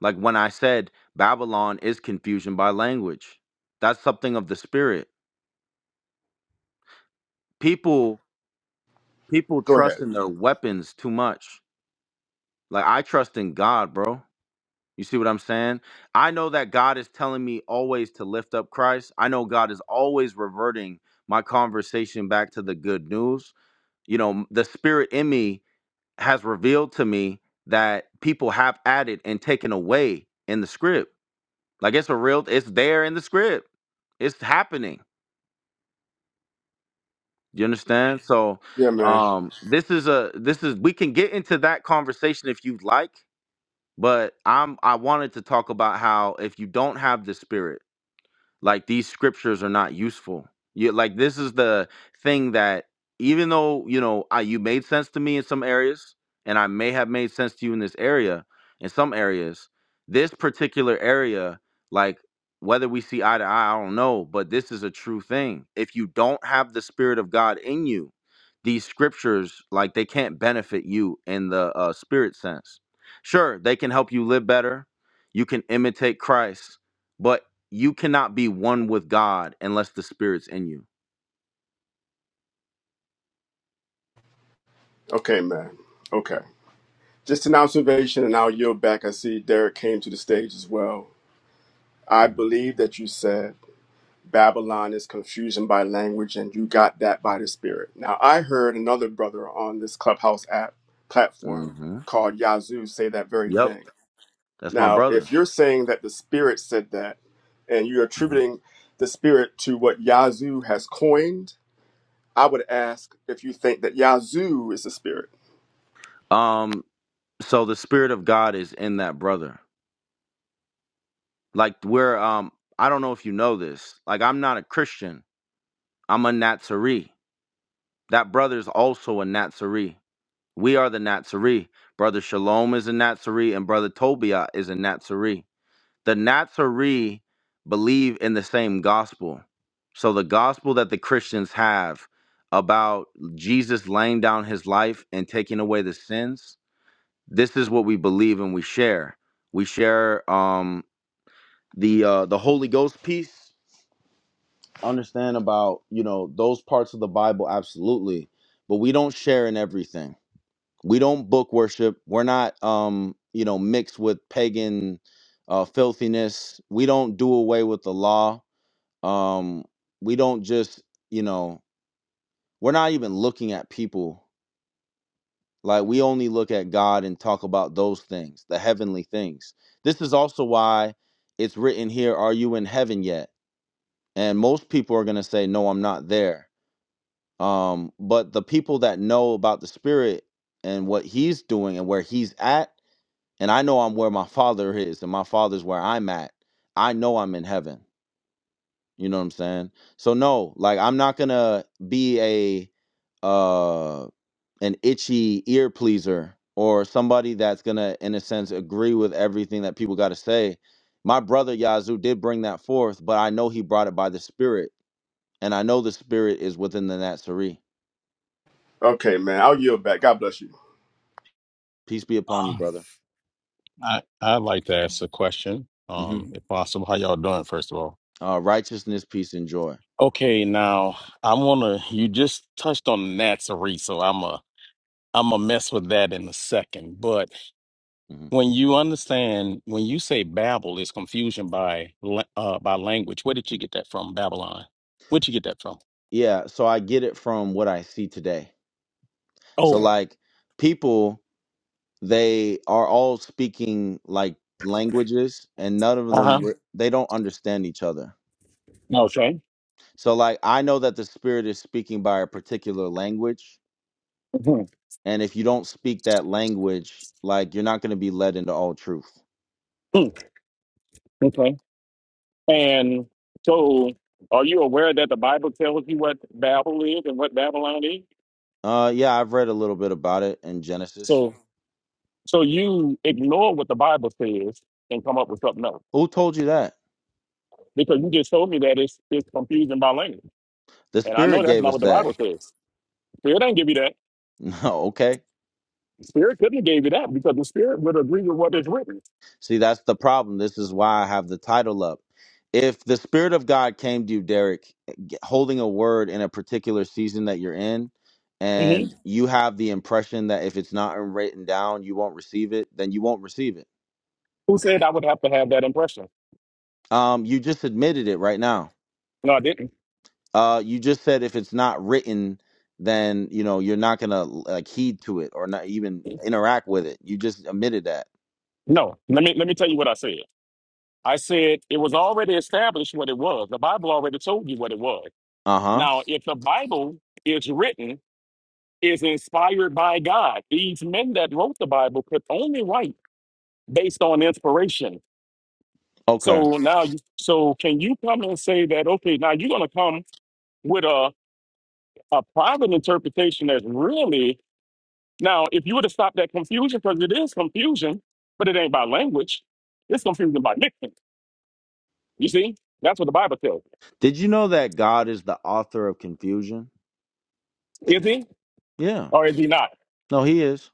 Speaker 1: Like when I said Babylon is confusion by language, that's something of the Spirit. People, people
Speaker 2: go
Speaker 1: trust
Speaker 2: ahead
Speaker 1: in their weapons too much. Like I trust in God, bro. You see what I'm saying? I know that God is telling me always to lift up Christ. I know God is always reverting my conversation back to the good news. You know, the spirit in me has revealed to me that people have added and taken away in the script. Like it's a real it's there in the script. It's happening. You understand? So
Speaker 2: yeah man
Speaker 1: um this is a this is we can get into that conversation if you'd like, but I'm I wanted to talk about how if you don't have the spirit like these scriptures are not useful you like this is the thing that even though you know I, you made sense to me in some areas and i may have made sense to you in this area in some areas this particular area like whether we see eye to eye i don't know but this is a true thing if you don't have the spirit of god in you these scriptures like they can't benefit you in the uh, spirit sense sure they can help you live better you can imitate christ but. You cannot be one with God unless the Spirit's in you.
Speaker 2: okay man Okay. Just an observation, and I'll yield back. I see Derek came to the stage as well. I
Speaker 1: hmm
Speaker 2: believe that you said Babylon is confusion by language, and you got that by the Spirit. Now, I heard another brother on this Clubhouse app platform
Speaker 1: hmm
Speaker 2: called Yazoo say that very
Speaker 1: Yep,
Speaker 2: thing.
Speaker 1: that's my
Speaker 2: Now,
Speaker 1: brother.
Speaker 2: if you're saying that the Spirit said that, and you're attributing the Spirit to what Yazoo has coined, I would ask if you think that Yazoo is the Spirit.
Speaker 1: Um, so the Spirit of God is in that brother. Like we're um, I don't know if you know this. Like I'm not a Christian. I'm a Nazarene. That brother's also a Nazarene. We are the Nazarene. Brother Shalom is a Nazarene, and brother Tobiah is a Nazarene. The Nazarene believe in the same gospel. So the gospel that the Christians have about Jesus laying down his life and taking away the sins, this is what we believe and we share. We share um the uh the Holy Ghost piece. Understand about, you know, those parts of the Bible absolutely, but we don't share in everything. We don't book worship. We're not um, you know, mixed with pagan uh filthiness. We don't do away with the law um we don't just you know we're not even looking at people like we only look at god and talk about those things the heavenly things this is also why it's written here are you in heaven yet and most people are going to say no i'm not there um but the people that know about the spirit and what he's doing and where he's at and i know i'm where my father is and my father's where i'm at i know i'm in heaven You know what I'm saying? So no, like I'm not gonna be a uh an itchy ear pleaser or somebody that's gonna in a sense agree with everything that people gotta say. My brother Yazoo did bring that forth, but I know he brought it by the spirit. And I know the spirit is within the Natsari.
Speaker 2: Okay, man, I'll yield back. God bless you.
Speaker 1: Peace be upon
Speaker 4: Uh,
Speaker 1: you, brother.
Speaker 4: I I'd like to ask a question,
Speaker 1: hmm
Speaker 4: um, if possible. How y'all doing, first of all?
Speaker 1: Uh, righteousness, peace, and joy.
Speaker 4: Okay, now I wanna. You just touched on Nazarene, so I'm a I'm a mess with that in a second. But
Speaker 1: hmm
Speaker 4: when you understand, when you say Babel is confusion by la- uh by language, where did you get that from? Babylon. Where'd you get that from?
Speaker 1: Yeah, so I get it from what I see today. So
Speaker 4: Oh,
Speaker 1: like people they are all speaking like languages and none of
Speaker 4: uh
Speaker 1: them
Speaker 4: huh.
Speaker 1: re- they don't understand each other
Speaker 4: Okay.
Speaker 1: so like i know that the spirit is speaking by a particular language
Speaker 4: Mhm.
Speaker 1: and if you don't speak that language like you're not going to be led into all truth
Speaker 4: Mm, Okay. And so, are you aware that the Bible tells you what Babel is and what Babylon is?
Speaker 1: uh yeah i've read a little bit about it in genesis
Speaker 4: So so you ignore what the Bible says and come up with something else.
Speaker 1: who told you that
Speaker 4: Because you just told me that it's it's confusing by language.
Speaker 1: the
Speaker 4: And I know
Speaker 1: spirit
Speaker 4: that's
Speaker 1: gave
Speaker 4: not
Speaker 1: us
Speaker 4: what the
Speaker 1: that
Speaker 4: Bible says. Spirit ain't give you that.
Speaker 1: no okay
Speaker 4: Spirit couldn't have gave you that because the spirit would agree with what is written.
Speaker 1: See, that's the problem. This is why I have the title up. If the Spirit of God came to you, Derek, g- holding a word in a particular season that you're in,
Speaker 4: Mhm.
Speaker 1: and you have the impression that if it's not written down, you won't receive it, then you won't receive it.
Speaker 4: Who said I would have to have that impression?
Speaker 1: Um, you just admitted it right now.
Speaker 4: No, I didn't.
Speaker 1: Uh, you just said if it's not written, then you know you're not gonna like heed to it or not even interact with it. You just admitted that.
Speaker 4: No. Let me let me tell you what I said. I said it was already established what it was. The Bible already told you what it was.
Speaker 1: Uh huh.
Speaker 4: Now, if the Bible is written, is inspired by God, these men that wrote the Bible could only write based on inspiration.
Speaker 1: Okay.
Speaker 4: So now, you, so can you come and say that? Okay, now you're going to come with a a private interpretation that's really now. If you were to stop that confusion, because it is confusion, but it ain't by language. It's confusion by mixing. You see, that's what the Bible tells.
Speaker 1: Did you know that God is the author of confusion?
Speaker 4: us. Is he
Speaker 1: Yeah.
Speaker 4: or
Speaker 1: No, he is.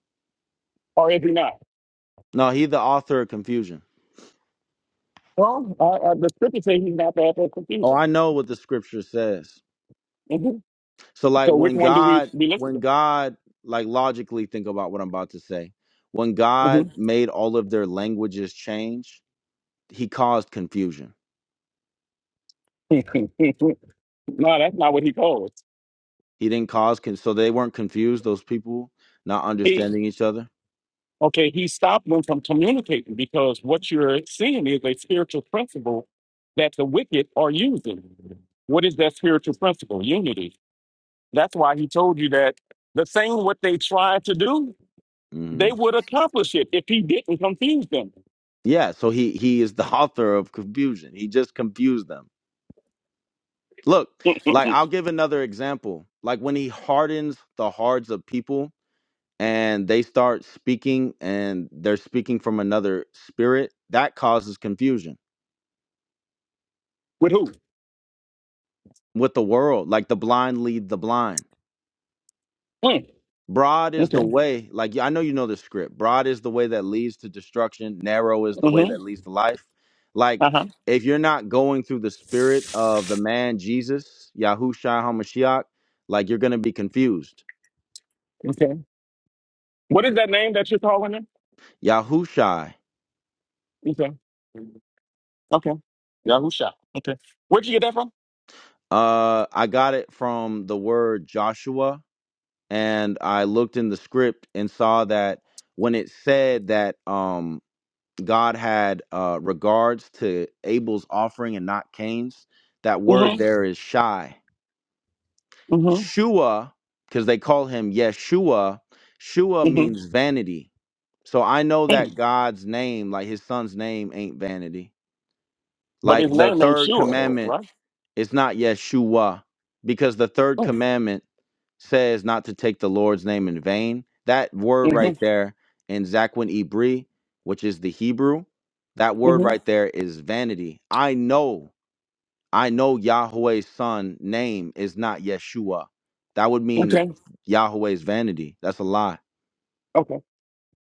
Speaker 4: or is he not?
Speaker 1: No, he the author of confusion.
Speaker 4: Well, uh, uh, the scripture says he's not the author of
Speaker 1: Oh,
Speaker 4: confusion.
Speaker 1: I know what the scripture says.
Speaker 4: Mhm.
Speaker 1: So like
Speaker 4: So which
Speaker 1: when
Speaker 4: one do we
Speaker 1: God
Speaker 4: we listen
Speaker 1: when
Speaker 4: to?
Speaker 1: God like logically think about what I'm about to say. When
Speaker 4: hmm
Speaker 1: God made all of their languages change, he caused confusion.
Speaker 4: no, that's not what he calls.
Speaker 1: He didn't cause con- so they weren't confused those people not understanding each other.
Speaker 4: Okay, he stopped them from communicating because what you're seeing is a spiritual principle that the wicked are using. What is that spiritual principle? Unity. That's why he told you that the thing what they tried to do, they
Speaker 1: Mhm.
Speaker 4: would accomplish it if he didn't confuse them.
Speaker 1: Yeah, so he he is the author of confusion. He just confused them. Look, like I'll give another example. Like when he hardens the hearts of people and they start speaking and they're speaking from another spirit, that causes confusion
Speaker 4: With who?
Speaker 1: with the world. Like the blind lead the blind.
Speaker 4: Mm,
Speaker 1: Broad is the
Speaker 4: Okay.
Speaker 1: way, like yeah, I know you know the script. Broad is the way that leads to destruction, narrow is the way
Speaker 4: Mm-hmm.
Speaker 1: that leads to life. Like,
Speaker 4: Uh-huh.
Speaker 1: if you're not going through the spirit of the man Jesus, Yahushua HaMashiach, like you're gonna be confused.
Speaker 4: Okay. What is that name that you're calling him?
Speaker 1: Yahushai,
Speaker 4: Okay. Okay. Yahusha. Okay. Where'd you get that from?
Speaker 1: uh, I got it from the word Joshua and I looked in the script and saw that when it said that um, God had uh, regards to Abel's offering and not Cain's, that word
Speaker 4: Mm-hmm.
Speaker 1: there is shy.
Speaker 4: Mm-hmm.
Speaker 1: Shua, because they call him Yeshua, Shua
Speaker 4: Mm-hmm.
Speaker 1: means vanity. So I know
Speaker 4: Mm.
Speaker 1: that God's name, like his son's name, ain't vanity.
Speaker 4: But his
Speaker 1: Like the
Speaker 4: name ain't
Speaker 1: third
Speaker 4: sure though,
Speaker 1: commandment
Speaker 4: right?
Speaker 1: It's not Yeshua because the third
Speaker 4: Oh,
Speaker 1: commandment says not to take the Lord's name in vain. That word
Speaker 4: hmm
Speaker 1: right there in Zakwin Ibri, which is the Hebrew, that word
Speaker 4: hmm
Speaker 1: right there is vanity. I know, I know Yahweh's son name is not Yeshua. That would mean
Speaker 4: okay,
Speaker 1: Yahweh's vanity. That's a lie.
Speaker 4: okay.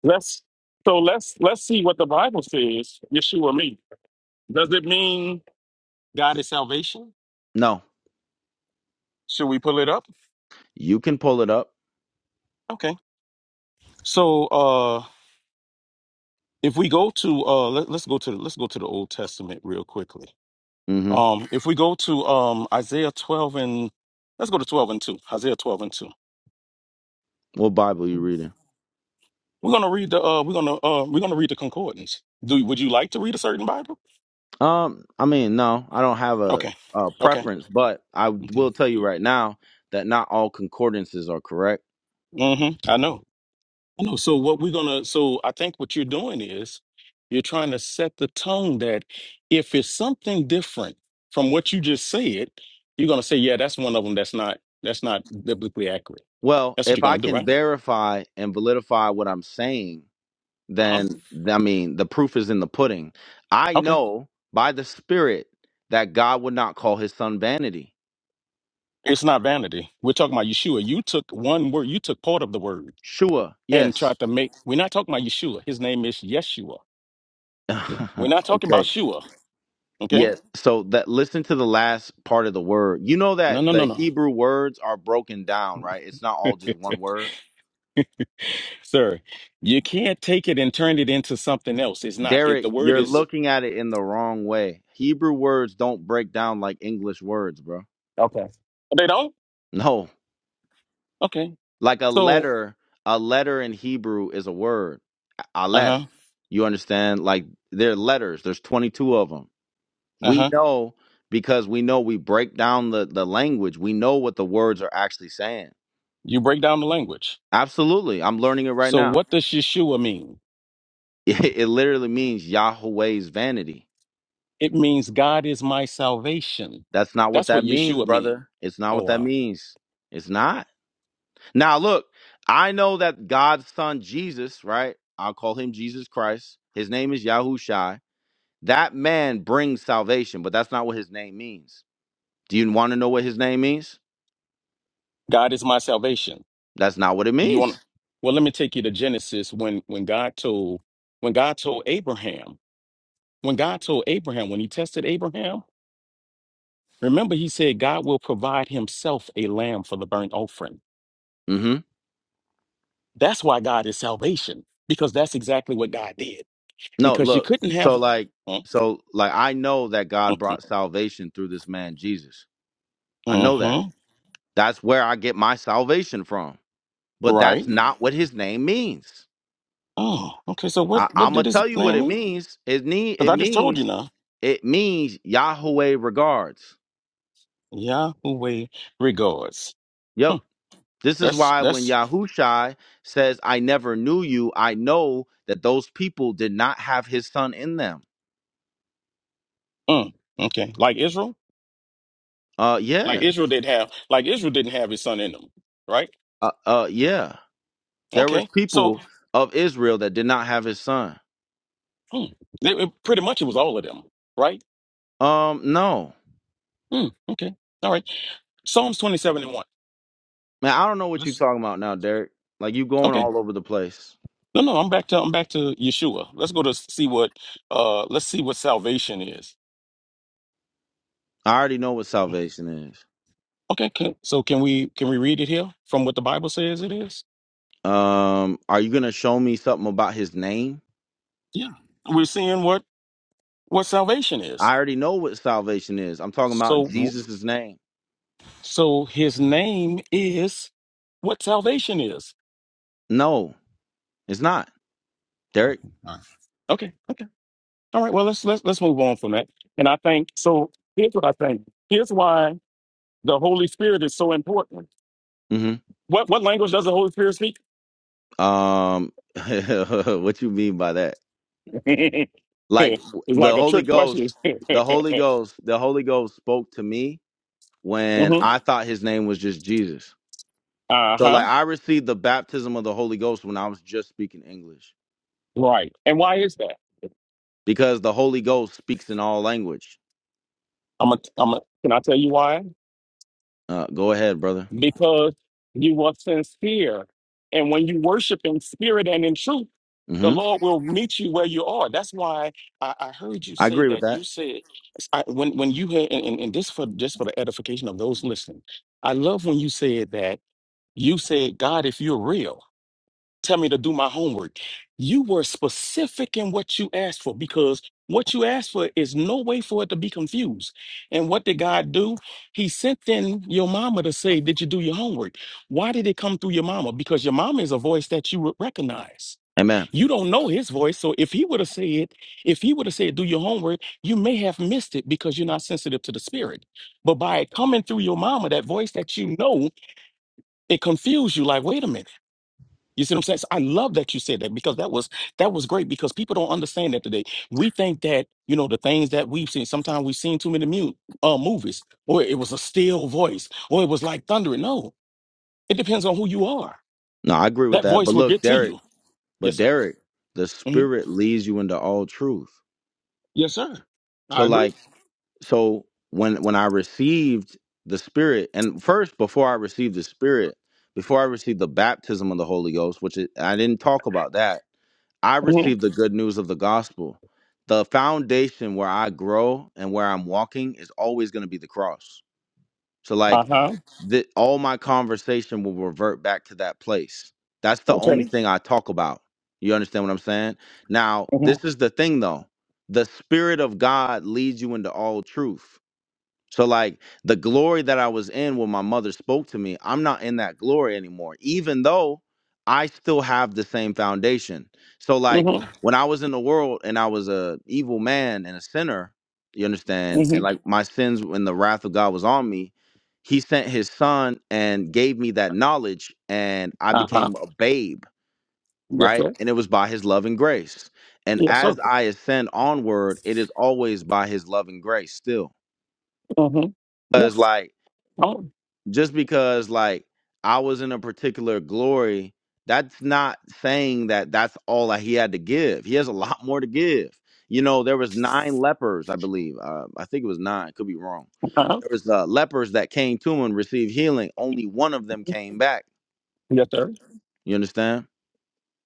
Speaker 4: Let's so let's let's see what the Bible says. Yeshua mean. Does it mean God is salvation?
Speaker 1: No,
Speaker 4: Should we pull it up?
Speaker 1: you can pull it up.
Speaker 4: Okay. So uh if we go to uh let, let's go to let's go to the Old Testament real quickly.
Speaker 1: hmm
Speaker 4: Um if we go to um Isaiah 12 and let's go to 12 and 2. Isaiah 12 and 2.
Speaker 1: What Bible you reading?
Speaker 4: We're going to read the uh we're going to uh we're going to read the concordance. Do would you like to read a certain Bible?
Speaker 1: Um, I mean, no, I don't have a,
Speaker 4: Okay.
Speaker 1: a
Speaker 4: Okay.
Speaker 1: preference, but I
Speaker 4: Okay.
Speaker 1: will tell you right now that not all concordances are correct.
Speaker 4: Mhm. I know. I know. So what we're gonna, so I think what you're doing is you're trying to set the tone that if it's something different from what you just said, you're gonna say, yeah, that's one of them that's not that's not biblically accurate.
Speaker 1: Well,
Speaker 4: That's what you're
Speaker 1: if I
Speaker 4: gonna do,
Speaker 1: can
Speaker 4: right?
Speaker 1: verify and validify what I'm saying,
Speaker 4: Uh-huh.
Speaker 1: then I mean, the proof is in the pudding. I
Speaker 4: Okay.
Speaker 1: know by the Spirit that God would not call his son vanity.
Speaker 4: It's not vanity. We're talking about Yeshua. You took one word, you took part of the word
Speaker 1: Sure,
Speaker 4: and
Speaker 1: yes.
Speaker 4: tried to make we're not talking about Yeshua. His name is Yeshua. We're not talking about
Speaker 1: okay.
Speaker 4: Shua. Okay?
Speaker 1: Yes. So that listen to the last part of the word. You know
Speaker 4: No,
Speaker 1: that
Speaker 4: no,
Speaker 1: the
Speaker 4: no,
Speaker 1: Hebrew words are broken down, right? It's not
Speaker 4: no.
Speaker 1: all just one word.
Speaker 4: Sir, you can't take it and turn it into something else. It's not. It
Speaker 1: Derek,
Speaker 4: the word
Speaker 1: you're
Speaker 4: is
Speaker 1: looking at it in the wrong way. Hebrew words don't break down like English words, bro.
Speaker 4: Okay. They don't?
Speaker 1: No.
Speaker 4: Okay.
Speaker 1: Like a
Speaker 4: So,
Speaker 1: letter, a letter in Hebrew is a word.
Speaker 4: uh
Speaker 1: Aleph.
Speaker 4: huh,
Speaker 1: You understand? Like they're letters. There's 22 of them.
Speaker 4: uh
Speaker 1: We
Speaker 4: huh.
Speaker 1: know because we know we break down the, the language. We know what the words are actually saying.
Speaker 4: You break down the language.
Speaker 1: Absolutely. I'm learning it right
Speaker 4: So,
Speaker 1: now.
Speaker 4: what does Yeshua mean?
Speaker 1: It, it literally means Yahweh's vanity.
Speaker 4: It means God is my salvation.
Speaker 1: That's not what
Speaker 4: That's what
Speaker 1: that means,
Speaker 4: Yeshua means.
Speaker 1: brother. It's not
Speaker 4: Oh,
Speaker 1: what that
Speaker 4: wow.
Speaker 1: means. It's not. Now, look, I know that God's son Jesus, right? I'll call him Jesus Christ. His name is Yahushai. That man brings salvation, but that's not what his name means. Do you want to know what his name means?
Speaker 4: God is my salvation.
Speaker 1: That's not what it
Speaker 4: You want,
Speaker 1: means.
Speaker 4: well, let me take you to Genesis when, when God told, when God told Abraham, when God told Abraham, when he tested Abraham, remember he said, God will provide himself a lamb for the burnt offering.
Speaker 1: hmm
Speaker 4: That's why God is salvation, because that's exactly what God did.
Speaker 1: No,
Speaker 4: because you
Speaker 1: look.
Speaker 4: couldn't have.
Speaker 1: So, like, so, like, I know that God
Speaker 4: Mm-hmm.
Speaker 1: brought salvation through this man Jesus. I know that. That's where I get my salvation from. But
Speaker 4: Right.
Speaker 1: that's not what his name means.
Speaker 4: Oh, okay. So what
Speaker 1: I,
Speaker 4: what
Speaker 1: I'm gonna
Speaker 4: did his
Speaker 1: tell you what
Speaker 4: name
Speaker 1: it
Speaker 4: mean?
Speaker 1: means. It need
Speaker 4: Because
Speaker 1: it
Speaker 4: I just told
Speaker 1: means
Speaker 4: you now.
Speaker 1: It means Yahweh regards.
Speaker 4: Yahweh regards. Huh,
Speaker 1: Yep. This is
Speaker 4: that's
Speaker 1: why when
Speaker 4: that's
Speaker 1: Yahushai says, I never knew you, I know that those people did not have his son in them.
Speaker 4: mm, okay. Like Israel,
Speaker 1: Uh
Speaker 4: like
Speaker 1: yeah.
Speaker 4: Israel did have, like Israel didn't have his son in them, right?
Speaker 1: Uh, uh yeah. There was
Speaker 4: Okay. So
Speaker 1: people of Israel that did not have his son.
Speaker 4: hmm, it, it- pretty much it was all of them, right?
Speaker 1: Um, no.
Speaker 4: Hmm, okay. All right. Psalms twenty-seven and one.
Speaker 1: Man, I don't know what you're
Speaker 4: Let's
Speaker 1: talking about now, Derek. Like you going
Speaker 4: okay.
Speaker 1: all over the place.
Speaker 4: No, no. I'm back to I'm back to Yeshua. Let's go to see what uh let's see what salvation is.
Speaker 1: I already know what salvation is.
Speaker 4: Okay, can, so can we can we read it here from what the Bible says it is?
Speaker 1: Um, are you gonna show me something about his name?
Speaker 4: Yeah, we're seeing what what salvation is.
Speaker 1: I already know what salvation is. I'm talking about
Speaker 4: So w-
Speaker 1: Jesus' name.
Speaker 4: so his name is what salvation is.
Speaker 1: No, it's not.
Speaker 4: Okay,
Speaker 1: Derek?
Speaker 4: all right. Okay, all right. Well, let's let's let's move on from that. And I think so. Here's what I think. Here's why the Holy Spirit is so important.
Speaker 1: hmm
Speaker 4: What what language does the Holy Spirit speak?
Speaker 1: Um what you mean by that? Like
Speaker 4: it's like
Speaker 1: the
Speaker 4: a
Speaker 1: Holy
Speaker 4: trick
Speaker 1: Ghost,
Speaker 4: question. hmm
Speaker 1: the Holy Ghost, the Holy Ghost spoke to me when I thought his name was just Jesus.
Speaker 4: Uh
Speaker 1: So like
Speaker 4: huh.
Speaker 1: I received the baptism of the Holy Ghost when I was just speaking English.
Speaker 4: Right. And why is that?
Speaker 1: Because the Holy Ghost speaks in all language.
Speaker 4: I'm a, I'm a, can I tell you why?
Speaker 1: Uh go ahead, brother.
Speaker 4: Because you were sincere. And when you worship in spirit and in truth, the
Speaker 1: hmm
Speaker 4: Lord will meet you where you are. That's why I, I heard you
Speaker 1: I
Speaker 4: say
Speaker 1: agree with
Speaker 4: that.
Speaker 1: that.
Speaker 4: You said, I, when, when you had, and, and and this for just for the edification of those listening, I love when you said that. You said, God, if you're real tell me to do my homework. You were specific in what you asked for because what you asked for is no way for it to be confused. And what did God do? He sent in your mama to say, Did you do your homework? Why did it come through your mama? Because your mama is a voice that you would recognize.
Speaker 1: Amen.
Speaker 4: You don't know his voice. So if he would have said, if he would have said, Do your homework, you may have missed it because you're not sensitive to the spirit. But by it coming through your mama, that voice that you know, it confused you like, wait a minute. You see what I'm saying? So I love that you said that because that was that was great because people don't understand that today. We think that you know the things that we've seen. Sometimes we've seen too many mu- uh, movies, or it was a still voice, or it was like thundering. No, it depends on who you are.
Speaker 1: No, I agree with
Speaker 4: That
Speaker 1: that.
Speaker 4: voice
Speaker 1: But
Speaker 4: will
Speaker 1: look,
Speaker 4: get to
Speaker 1: Derek,
Speaker 4: you.
Speaker 1: but
Speaker 4: Yes, sir.
Speaker 1: Derek, the
Speaker 4: hmm
Speaker 1: spirit leads you into all truth.
Speaker 4: Yes, sir.
Speaker 1: So
Speaker 4: I
Speaker 1: like
Speaker 4: agree.
Speaker 1: so when when I received the Spirit, and first before I received the Spirit, before I received the baptism of the Holy Ghost, which is, I didn't talk about that, I
Speaker 4: hmm
Speaker 1: received the good news of the gospel. The foundation where I grow and where I'm walking is always going to be the cross. So
Speaker 4: Uh
Speaker 1: like
Speaker 4: huh.
Speaker 1: that, all my conversation will revert back to that place. That's the only
Speaker 4: Okay.
Speaker 1: thing I talk about. You understand what I'm saying? Now,
Speaker 4: hmm
Speaker 1: this is the thing though. The Spirit of God leads you into all truth so like the glory that I was in when my mother spoke to me, I'm not in that glory anymore, even though I still have the same foundation. So like
Speaker 4: hmm
Speaker 1: when I was in the world and I was a evil man and a sinner, you understand, and
Speaker 4: hmm
Speaker 1: like my sins when the wrath of God was on me, he sent his son and gave me that knowledge and I
Speaker 4: Uh huh.
Speaker 1: became a babe,
Speaker 4: Yes,
Speaker 1: right?
Speaker 4: sir.
Speaker 1: And it was by his love and grace. And
Speaker 4: Yes, sir.
Speaker 1: as I ascend onward, it is always by his love and grace still.
Speaker 4: hmm
Speaker 1: Because
Speaker 4: Yes.
Speaker 1: like
Speaker 4: Oh,
Speaker 1: just because like I was in a particular glory, that's not saying that that's all that he had to give. He has a lot more to give. You know, there was nine lepers, I believe. Uh, I think it was nine. Could be wrong.
Speaker 4: uh-huh.
Speaker 1: There was uh, lepers that came to him and received healing. Only one of them came back.
Speaker 4: Yes, sir.
Speaker 1: You understand?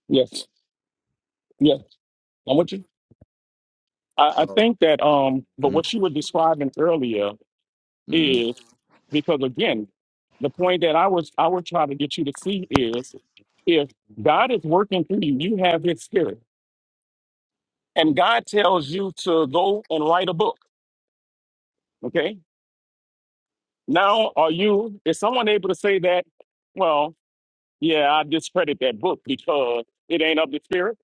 Speaker 4: Yes. Yes. I'm with you. I, I
Speaker 1: So,
Speaker 4: think that um but
Speaker 1: Mhm,
Speaker 4: what you were describing earlier
Speaker 1: mhm.
Speaker 4: is because again the point that I was I would try to get you to see is if God is working through you, you have his spirit. And God tells you to go and write a book. Okay. Now are you is someone able to say that, well, yeah, I discredit that book because it ain't of the spirit?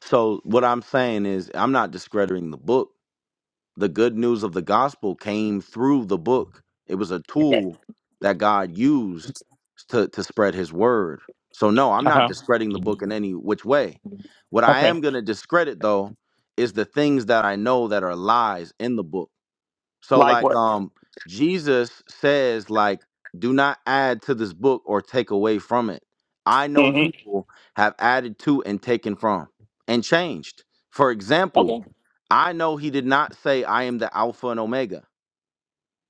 Speaker 1: so what I'm saying is, I'm not discrediting the book. the good news of the gospel came through the book. It was a
Speaker 4: Okay.
Speaker 1: tool that God used to, to spread his word. So, no, I'm not
Speaker 4: Uh-huh.
Speaker 1: discrediting the book in any which way. What I
Speaker 4: Okay.
Speaker 1: am going to discredit, though, is the things that I know that are lies in the book. So
Speaker 4: Like
Speaker 1: like
Speaker 4: what?
Speaker 1: um Jesus says like do not add to this book or take away from it. I know
Speaker 4: hmm
Speaker 1: people have added to and taken from and changed. For example,
Speaker 4: Okay.
Speaker 1: I know he did not say I am the alpha and omega.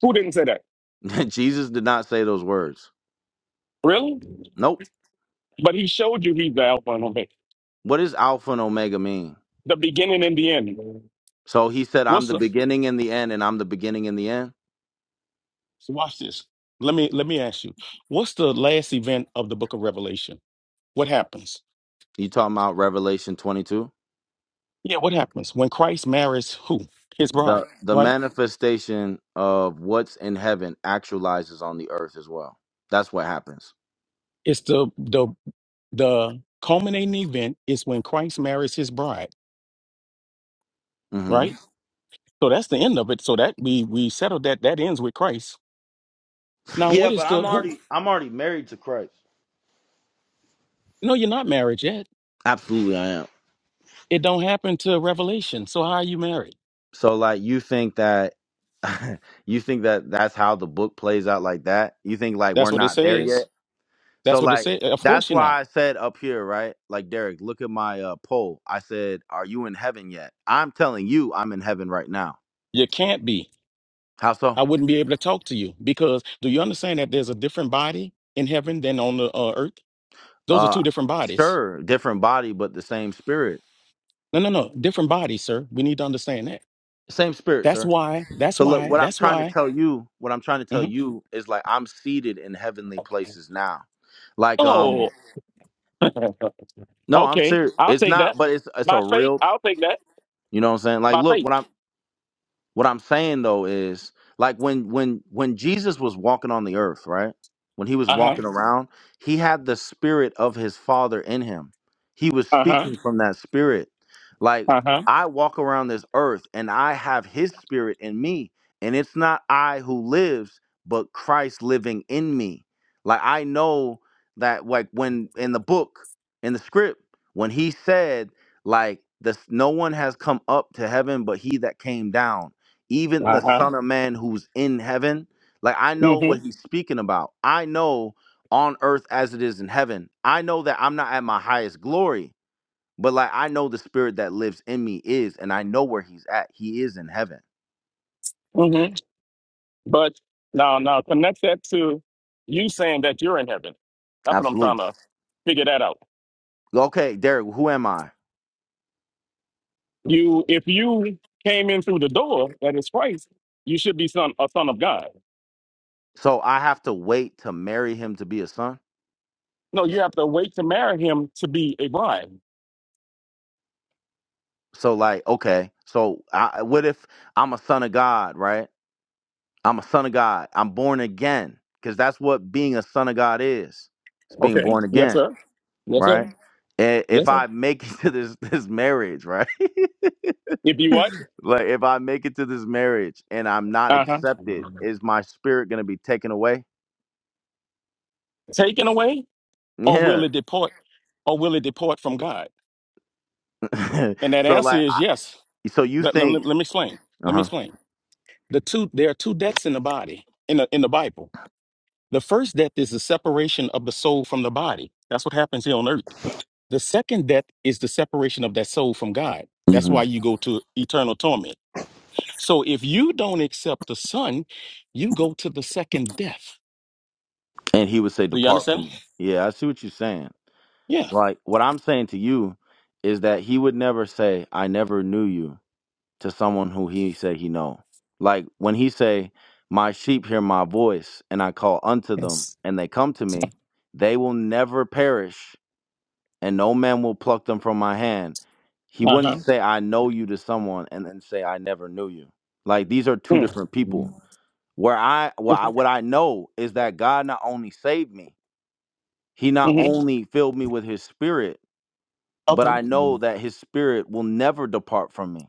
Speaker 4: Who didn't say that?
Speaker 1: Jesus did not say those words.
Speaker 4: Really?
Speaker 1: Nope.
Speaker 4: But he showed you he's the Alpha and Omega.
Speaker 1: What does alpha and omega mean?
Speaker 4: the beginning and the end.
Speaker 1: So he said I'm
Speaker 4: What's
Speaker 1: the
Speaker 4: the
Speaker 1: beginning and the end and I'm the beginning and the end.
Speaker 4: so watch this? Let me let me ask you. What's the last event of the book of Revelation? What happens?
Speaker 1: You talking about Revelation 22?
Speaker 4: Yeah, what happens when Christ marries who? His bride,
Speaker 1: the the
Speaker 4: right?
Speaker 1: manifestation of what's in heaven actualizes on the earth as well. That's what happens.
Speaker 4: It's the the the culminating event is when Christ marries his bride,
Speaker 1: hmm
Speaker 4: right? So that's the end of it. So that we we settled that that ends with Christ. Now what
Speaker 1: Yeah,
Speaker 4: is
Speaker 1: but
Speaker 4: the
Speaker 1: I'm
Speaker 4: who?
Speaker 1: already I'm already married to Christ.
Speaker 4: No, you're not married yet.
Speaker 1: Absolutely, I am.
Speaker 4: It don't happen to Revelation. So how are you married?
Speaker 1: So like, you think that you think that that's how the book plays out like that? You think like we're
Speaker 4: That's what it
Speaker 1: not there
Speaker 4: says.
Speaker 1: yet?
Speaker 4: That's
Speaker 1: So
Speaker 4: what it
Speaker 1: like
Speaker 4: says. Of course
Speaker 1: that's
Speaker 4: you're not.
Speaker 1: why I said up here, right? Like Derek, look at my uh, poll. I said, "Are you in heaven yet?" I'm telling you, I'm in heaven right now.
Speaker 4: You can't be.
Speaker 1: How so?
Speaker 4: I wouldn't be able to talk to you because do you understand that there's a different body in heaven than on the uh, earth? Those are
Speaker 1: Uh,
Speaker 4: two different bodies.
Speaker 1: sure, different body, but the same spirit
Speaker 4: No, no, no, different bodies, sir. We need to understand that.
Speaker 1: Same spirit,
Speaker 4: That's
Speaker 1: sir.
Speaker 4: why. That's
Speaker 1: So look,
Speaker 4: why.
Speaker 1: what I'm
Speaker 4: That's
Speaker 1: trying to
Speaker 4: why.
Speaker 1: tell you, what I'm trying to tell
Speaker 4: Mhm.
Speaker 1: you is like I'm seated in heavenly places now. Like um
Speaker 4: Oh,
Speaker 1: no, I'm
Speaker 4: okay.
Speaker 1: serious.
Speaker 4: I'll
Speaker 1: It's
Speaker 4: take
Speaker 1: not,
Speaker 4: that
Speaker 1: but it's it's
Speaker 4: by
Speaker 1: a
Speaker 4: faith.
Speaker 1: real,
Speaker 4: I'll take that
Speaker 1: you know what I'm saying? Like
Speaker 4: by
Speaker 1: look,
Speaker 4: faith.
Speaker 1: when I'm What I'm saying though is like when when when Jesus was walking on the earth, right? When he was
Speaker 4: Uh huh.
Speaker 1: walking around, he had the spirit of his father in him. He was
Speaker 4: Uh huh.
Speaker 1: speaking from that spirit. Like
Speaker 4: Uh huh.
Speaker 1: I walk around this earth and I have his spirit in me, and it's not I who lives, but Christ living in me. Like I know that like when in the book, in the script, when he said like this no one has come up to heaven but he that came down even
Speaker 4: Uh
Speaker 1: the
Speaker 4: huh.
Speaker 1: Son of Man who's in heaven. Like I know what
Speaker 4: Mhm.
Speaker 1: he's speaking about. I know on earth as it is in heaven. I know that I'm not at my highest glory, but like I know the spirit that lives in me is, and I know where he's at. He is in heaven.
Speaker 4: Mhm. But now, now connect that to you saying that you're in heaven. That's what I'm trying
Speaker 1: Absolutely.
Speaker 4: to figure that out.
Speaker 1: Okay, Derek, who am I?
Speaker 4: You, if you came in through the door that is Christ, you should be son a son of God.
Speaker 1: So I have to wait to marry him to be a son?
Speaker 4: No, you have to wait to marry him to be a bride.
Speaker 1: So like, okay. So I, what if I'm a son of God, right? I'm a son of God. I'm born again because that's what being a son of God is. It's being
Speaker 4: Okay.
Speaker 1: born
Speaker 4: Yes,
Speaker 1: again.
Speaker 4: sir. Yes, sir.
Speaker 1: right? And if
Speaker 4: Yes, sir.
Speaker 1: I make it to this this marriage, right?
Speaker 4: If you what?
Speaker 1: Like if I make it to this marriage and I'm not
Speaker 4: Uh huh.
Speaker 1: accepted, is my spirit gonna be taken away?
Speaker 4: Taken away, or will
Speaker 1: Yeah.
Speaker 4: it depart? Or will it depart from God? And that
Speaker 1: so
Speaker 4: answer
Speaker 1: like,
Speaker 4: is yes.
Speaker 1: I- so you
Speaker 4: Let, let,
Speaker 1: think?
Speaker 4: let me explain.
Speaker 1: Uh
Speaker 4: Let me
Speaker 1: huh.
Speaker 4: explain. The two there are two deaths in the body in the in the Bible. The first death is the separation of the soul from the body. That's what happens here on earth. The second death is the separation of that soul from God. That's
Speaker 1: hmm
Speaker 4: why you go to eternal torment. So if you don't accept the Son, you go to the second death.
Speaker 1: And he would say,
Speaker 4: Do you
Speaker 1: "Depart from
Speaker 4: understand?
Speaker 1: me." Yeah, I see what you're saying.
Speaker 4: Yeah.
Speaker 1: Like what I'm saying to you is that he would never say, "I never knew you." to someone who he said he know. Like when he say, "My sheep hear my voice, and I call unto them,
Speaker 4: Yes.
Speaker 1: and they come to me. They will never perish, and no man will pluck them from my hand." He
Speaker 4: Uh
Speaker 1: wouldn't
Speaker 4: huh.
Speaker 1: say, "I know you" to someone, and then say, "I never knew you." Like these are two different people.
Speaker 4: Mm-hmm.
Speaker 1: Where I, well, I what I know is that God not only saved me, He not only filled me with His Spirit, but I know
Speaker 4: Okay.
Speaker 1: that His Spirit will never depart from me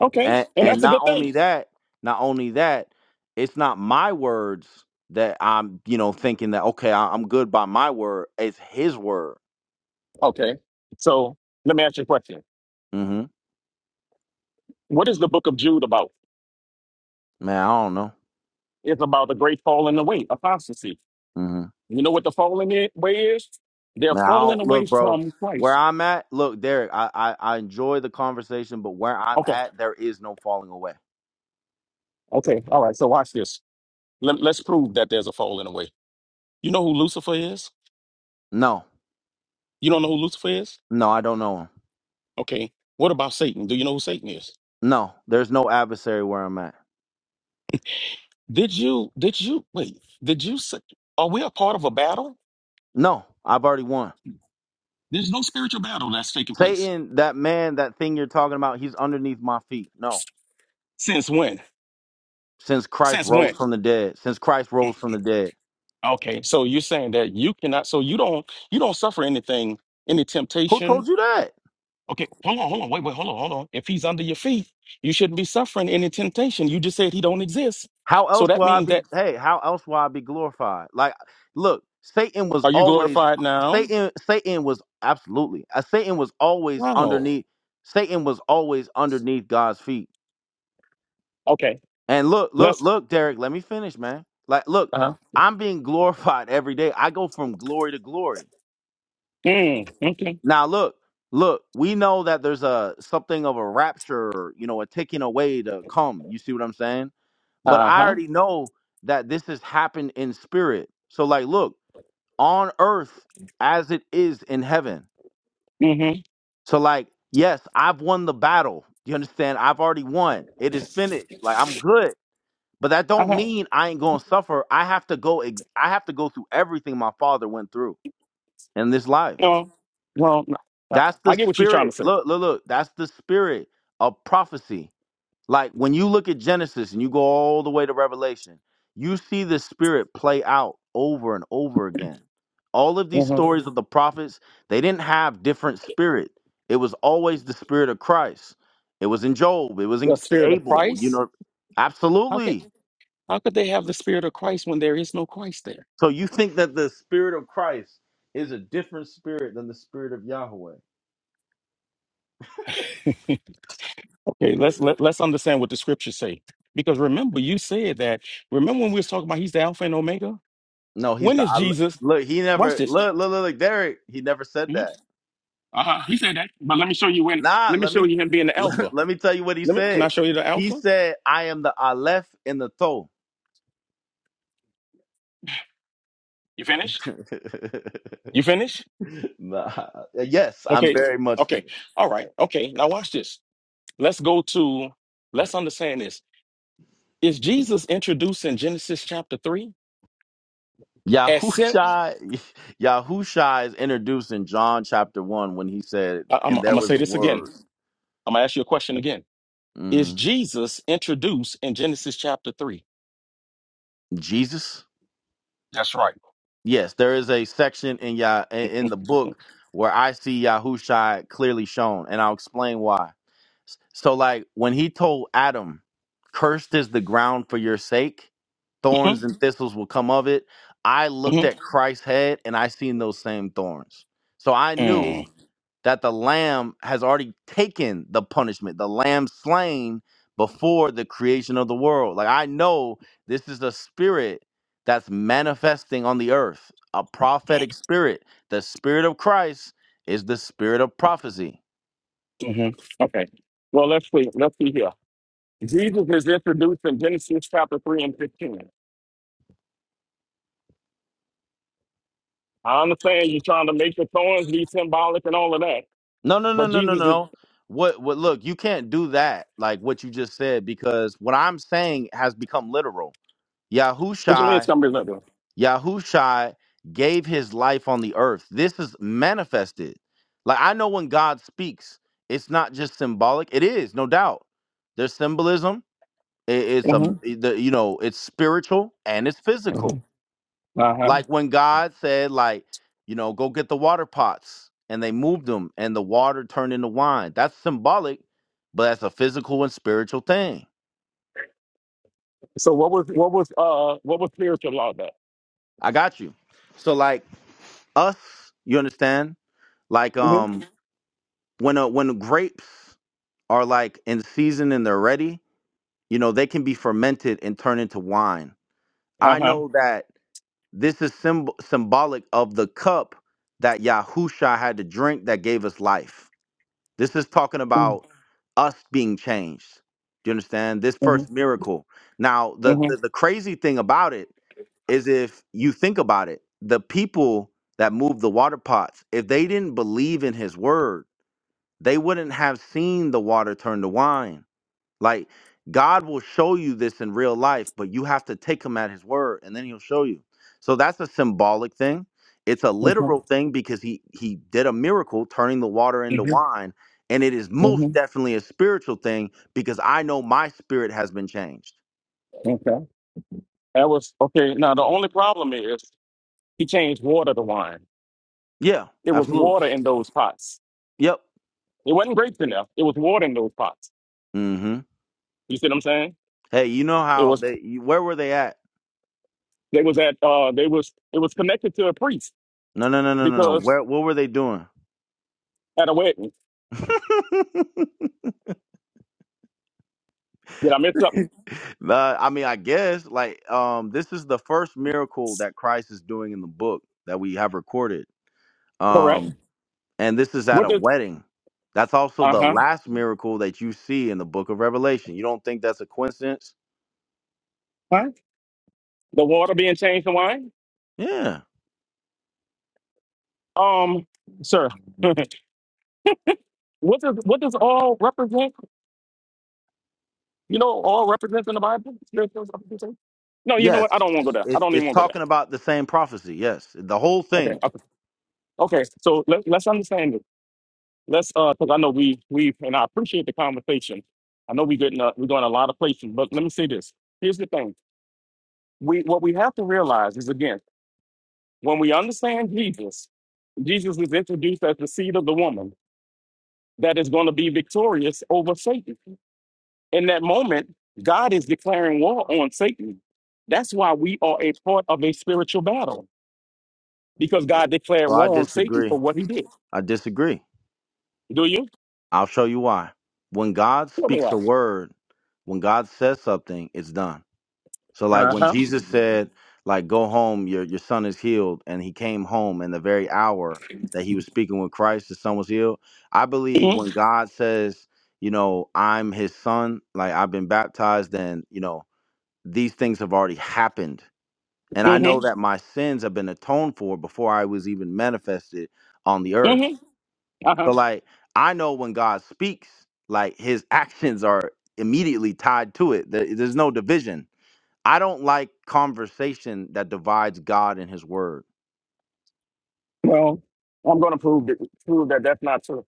Speaker 4: Okay.
Speaker 1: and
Speaker 4: And
Speaker 1: and
Speaker 4: that's a
Speaker 1: not
Speaker 4: good thing.
Speaker 1: only that not only that it's not my words that i'm you know thinking that okay I, i'm good by my word it's his word
Speaker 4: Okay. So let me ask you a question.
Speaker 1: hmm
Speaker 4: What is the book of Jude about?
Speaker 1: man i don't know
Speaker 4: It's about the great falling away, apostasy.
Speaker 1: hmm
Speaker 4: You know what the falling i- away is? They're
Speaker 1: man i
Speaker 4: falling
Speaker 1: don't
Speaker 4: away
Speaker 1: look bro
Speaker 4: from
Speaker 1: where
Speaker 4: Christ.
Speaker 1: i'm at look derek I, I i enjoy the conversation but where i'm
Speaker 4: Okay.
Speaker 1: at there is no falling away
Speaker 4: Okay. All right. So watch this. Let, let's prove that there's a fall in a way. You know who Lucifer is?
Speaker 1: no
Speaker 4: You don't know who Lucifer is?
Speaker 1: no i don't know him
Speaker 4: Okay. What about Satan? Do you know who Satan is?
Speaker 1: no there's no adversary where i'm at
Speaker 4: Did you, did you, wait, did you, say, are we a part of a battle?
Speaker 1: no i've already won
Speaker 4: There's no spiritual battle that's taking place.
Speaker 1: satan that man that thing you're talking about he's underneath my feet No.
Speaker 4: Since when?
Speaker 1: since Christ
Speaker 4: Since
Speaker 1: rose
Speaker 4: when?
Speaker 1: from the dead. Since Christ rose from the dead.
Speaker 4: Okay. So you're saying that you cannot, so you don't, you don't suffer anything, any
Speaker 1: Who
Speaker 4: temptation.
Speaker 1: told you that?
Speaker 4: Okay. Hold on, hold on, wait, wait, hold on, hold on. If he's under your feet, you shouldn't be suffering any temptation. You just said he don't exist.
Speaker 1: How
Speaker 4: So
Speaker 1: else
Speaker 4: that
Speaker 1: will I
Speaker 4: means
Speaker 1: be
Speaker 4: that,
Speaker 1: hey, how else will I be glorified? Like look, Satan was
Speaker 4: are you
Speaker 1: always
Speaker 4: glorified now?
Speaker 1: Satan Satan was absolutely. Uh, Satan was always
Speaker 4: No.
Speaker 1: underneath Satan was always underneath God's feet.
Speaker 4: Okay.
Speaker 1: And look, look,
Speaker 4: Let's.
Speaker 1: look, Derek, let me finish, man. Like look,
Speaker 4: Uh huh.
Speaker 1: I'm being glorified every day. I go from glory to glory.
Speaker 4: Mm, okay.
Speaker 1: Now look, look, we know that there's a something of a rapture, you know, a taking away to come. You see what I'm saying? But
Speaker 4: Uh
Speaker 1: I
Speaker 4: huh.
Speaker 1: already know that this has happened in spirit. So like look, on earth as it is in heaven.
Speaker 4: Mm hmm.
Speaker 1: So like, yes, I've won the battle. You understand? I've already won. It is finished. Like I'm good. But that
Speaker 4: Uh
Speaker 1: don't
Speaker 4: huh.
Speaker 1: mean I ain't gonna suffer. I have to go ex- I have to go through everything my father went through in this life.
Speaker 4: No. well, no. Uh,
Speaker 1: That's the
Speaker 4: I get what you're trying to
Speaker 1: spirit.
Speaker 4: say.
Speaker 1: Look, look, look. That's the spirit of prophecy. Like when you look at Genesis and you go all the way to Revelation, you see the spirit play out over and over again. All of these
Speaker 4: hmm
Speaker 1: stories of the prophets, they didn't have different spirit. It was always the spirit of Christ. It was in Job. It was in
Speaker 4: The spirit of
Speaker 1: Abel. You
Speaker 4: Christ.
Speaker 1: know,
Speaker 4: How can
Speaker 1: absolutely.
Speaker 4: how could they have the spirit of Christ when there is no Christ there?
Speaker 1: So you think that the spirit of Christ is a different spirit than the spirit of Yahweh?
Speaker 4: Okay. Let's let, let's understand what the scriptures say. Because remember, you said that. Remember when we was talking about He's the Alpha and Omega.
Speaker 1: No, he's
Speaker 4: When
Speaker 1: the
Speaker 4: is
Speaker 1: I,
Speaker 4: Jesus?
Speaker 1: look. He
Speaker 4: Watch
Speaker 1: never
Speaker 4: this.
Speaker 1: look, look, look, look, Derek. He never said
Speaker 4: hmm
Speaker 1: that.
Speaker 4: Uh-huh. He said that, but let me show you when.
Speaker 1: Nah,
Speaker 4: Let me
Speaker 1: let
Speaker 4: show
Speaker 1: me
Speaker 4: you him being the Alpha.
Speaker 1: let, let me tell you what he
Speaker 4: Let me. Can I
Speaker 1: said.
Speaker 4: show you the
Speaker 1: He
Speaker 4: Alpha?
Speaker 1: said, "I am the Aleph and the Tho."
Speaker 4: You finished? You finished?
Speaker 1: nah, yes, I'm
Speaker 4: Okay.
Speaker 1: very much.
Speaker 4: Okay. All right. Okay. Now watch this. Let's go to let's understand this. Is Jesus introduced in Genesis chapter 3 as sin?
Speaker 1: Yahusha, Yahusha is introduced in John chapter one when he said,
Speaker 4: I, am
Speaker 1: "And
Speaker 4: I'm
Speaker 1: there
Speaker 4: gonna
Speaker 1: was
Speaker 4: say
Speaker 1: the
Speaker 4: this again.
Speaker 1: Word."
Speaker 4: I'm gonna ask you a question again. Is
Speaker 1: hmm
Speaker 4: Jesus introduced in Genesis chapter 3?
Speaker 1: Jesus.
Speaker 4: That's right.
Speaker 1: Yes, there is a section in Yah in in the book where I see Yahusha clearly shown, and I'll explain why. So like when he told Adam, "Cursed is the ground for your sake; thorns
Speaker 4: Mm-hmm.
Speaker 1: and thistles will come of it." I looked at Christ's head and I seen those same thorns. So I knew Mm.
Speaker 4: Mm-hmm.
Speaker 1: that the lamb has already taken the punishment. The lamb slain before the creation of the world. Like I know this is a spirit that's manifesting on the earth, a prophetic spirit. The spirit of Christ is the spirit of prophecy.
Speaker 4: Okay. Well, let's see. Let's see here. Jesus is introduced in Genesis chapter 3 and 15. I understand you're trying to make the thorns be symbolic and all of that,
Speaker 1: No, no, no,
Speaker 4: but
Speaker 1: no, no,
Speaker 4: Jesus is.
Speaker 1: no. What what look, you can't do that, like what you just said, because what I'm saying has become literal.
Speaker 4: What you mean it's
Speaker 1: Yahushai,
Speaker 4: gonna be literal?
Speaker 1: Yahushai gave his life on the earth. This is manifested. Like I know when God speaks, it's not just symbolic. It is, no doubt. There's symbolism. It, it's a
Speaker 4: Mm-hmm.
Speaker 1: the, you know, it's spiritual and it's physical
Speaker 4: Uh-huh.
Speaker 1: like when God said, like, you know, go get the water pots, and they moved them, and the water turned into wine. That's symbolic, but that's a physical and spiritual thing.
Speaker 4: So what was what was uh what was spiritual law that?
Speaker 1: I got you. So, like us, you understand? Like,
Speaker 4: Mm-hmm.
Speaker 1: um, when uh when grapes are like in season and they're ready, you know, they can be fermented and turn into wine. I know that this is symb- symbolic of the cup that Yahusha had to drink that gave us life. This is talking
Speaker 4: mm
Speaker 1: about us being changed. Do you understand? This
Speaker 4: hmm
Speaker 1: first miracle. Now, the, the
Speaker 4: mm
Speaker 1: the crazy thing about it is if you think about it, the people that moved the water pots, if they didn't believe in his word, they wouldn't have seen the water turn to wine like God will show you this in real life, but you have to take him at his word and then he'll show you. So that's a symbolic thing. It's a literal
Speaker 4: hmm
Speaker 1: thing because he he did a miracle turning the water into wine and it is
Speaker 4: hmm
Speaker 1: most
Speaker 4: hmm
Speaker 1: definitely a spiritual thing because I know my spirit has been changed.
Speaker 4: Okay. That was okay. Now the only problem is he changed water to wine.
Speaker 1: Yeah,
Speaker 4: It was
Speaker 1: absolutely.
Speaker 4: water in those pots.
Speaker 1: Yep.
Speaker 4: It wasn't grapes in there. It was water in those pots.
Speaker 1: Mhm.
Speaker 4: You see what I'm saying?
Speaker 1: Hey, you know
Speaker 4: It
Speaker 1: how
Speaker 4: was
Speaker 1: they you- where were they at?
Speaker 4: they was at uh they was it was connected to a priest
Speaker 1: No, no, no, no, no, no.
Speaker 4: because
Speaker 1: Where what were they doing?
Speaker 4: at a wedding. Did I miss something?
Speaker 1: Uh, I mean, I guess like um, this is the first miracle that Christ is doing in the book that we have recorded,
Speaker 4: Correct.
Speaker 1: um, and this is at
Speaker 4: What
Speaker 1: a
Speaker 4: did
Speaker 1: wedding. That's also
Speaker 4: uh
Speaker 1: the
Speaker 4: huh?
Speaker 1: last miracle that you see in the book of Revelation. You don't think that's a coincidence?
Speaker 4: Huh? The water being changed to wine?
Speaker 1: Yeah.
Speaker 4: Um, sir. what does what does all represent? You know, all represents in the Bible. spiritual representation. No, you know what? I
Speaker 1: Yes.
Speaker 4: don't want to go there. I
Speaker 1: It's
Speaker 4: don't even
Speaker 1: it's
Speaker 4: want to go there.
Speaker 1: talking about the same prophecy. Yes, the whole
Speaker 4: Okay,
Speaker 1: thing.
Speaker 4: okay, okay. So let, let's understand it. Let's, uh, because I know we we and I appreciate the conversation. I know we getting uh, we're going a lot of places, but let me say this. Here's the thing. We what we have to realize is again when we understand Jesus, Jesus is introduced to them that is going to be victorious over Satan. In that moment, God is declaring war on Satan. That's why we are a part of a spiritual battle. because God declared
Speaker 1: So I
Speaker 4: war on Satan
Speaker 1: disagree.
Speaker 4: for what he did.
Speaker 1: I disagree.
Speaker 4: Do you?
Speaker 1: I'll show you why. When God
Speaker 4: Tell me
Speaker 1: speaks
Speaker 4: why.
Speaker 1: a word, when God says something, it's done. So like when Jesus said, like, go home, your your son is healed, and he came home in the very hour that he was speaking with Christ, his son was healed. I believe
Speaker 4: Mm-hmm.
Speaker 1: when God says, you know, I'm his son, like I've been baptized, and you know, these things have already happened. And I know
Speaker 4: Mm-hmm.
Speaker 1: that my sins have been atoned for before I was even manifested on the earth.
Speaker 4: Mm-hmm. Uh-huh.
Speaker 1: So like I know when God speaks, like his actions are immediately tied to it. There- There's no division I don't like conversation that divides God and His Word.
Speaker 4: Well, I'm going to prove that, prove that that's not true.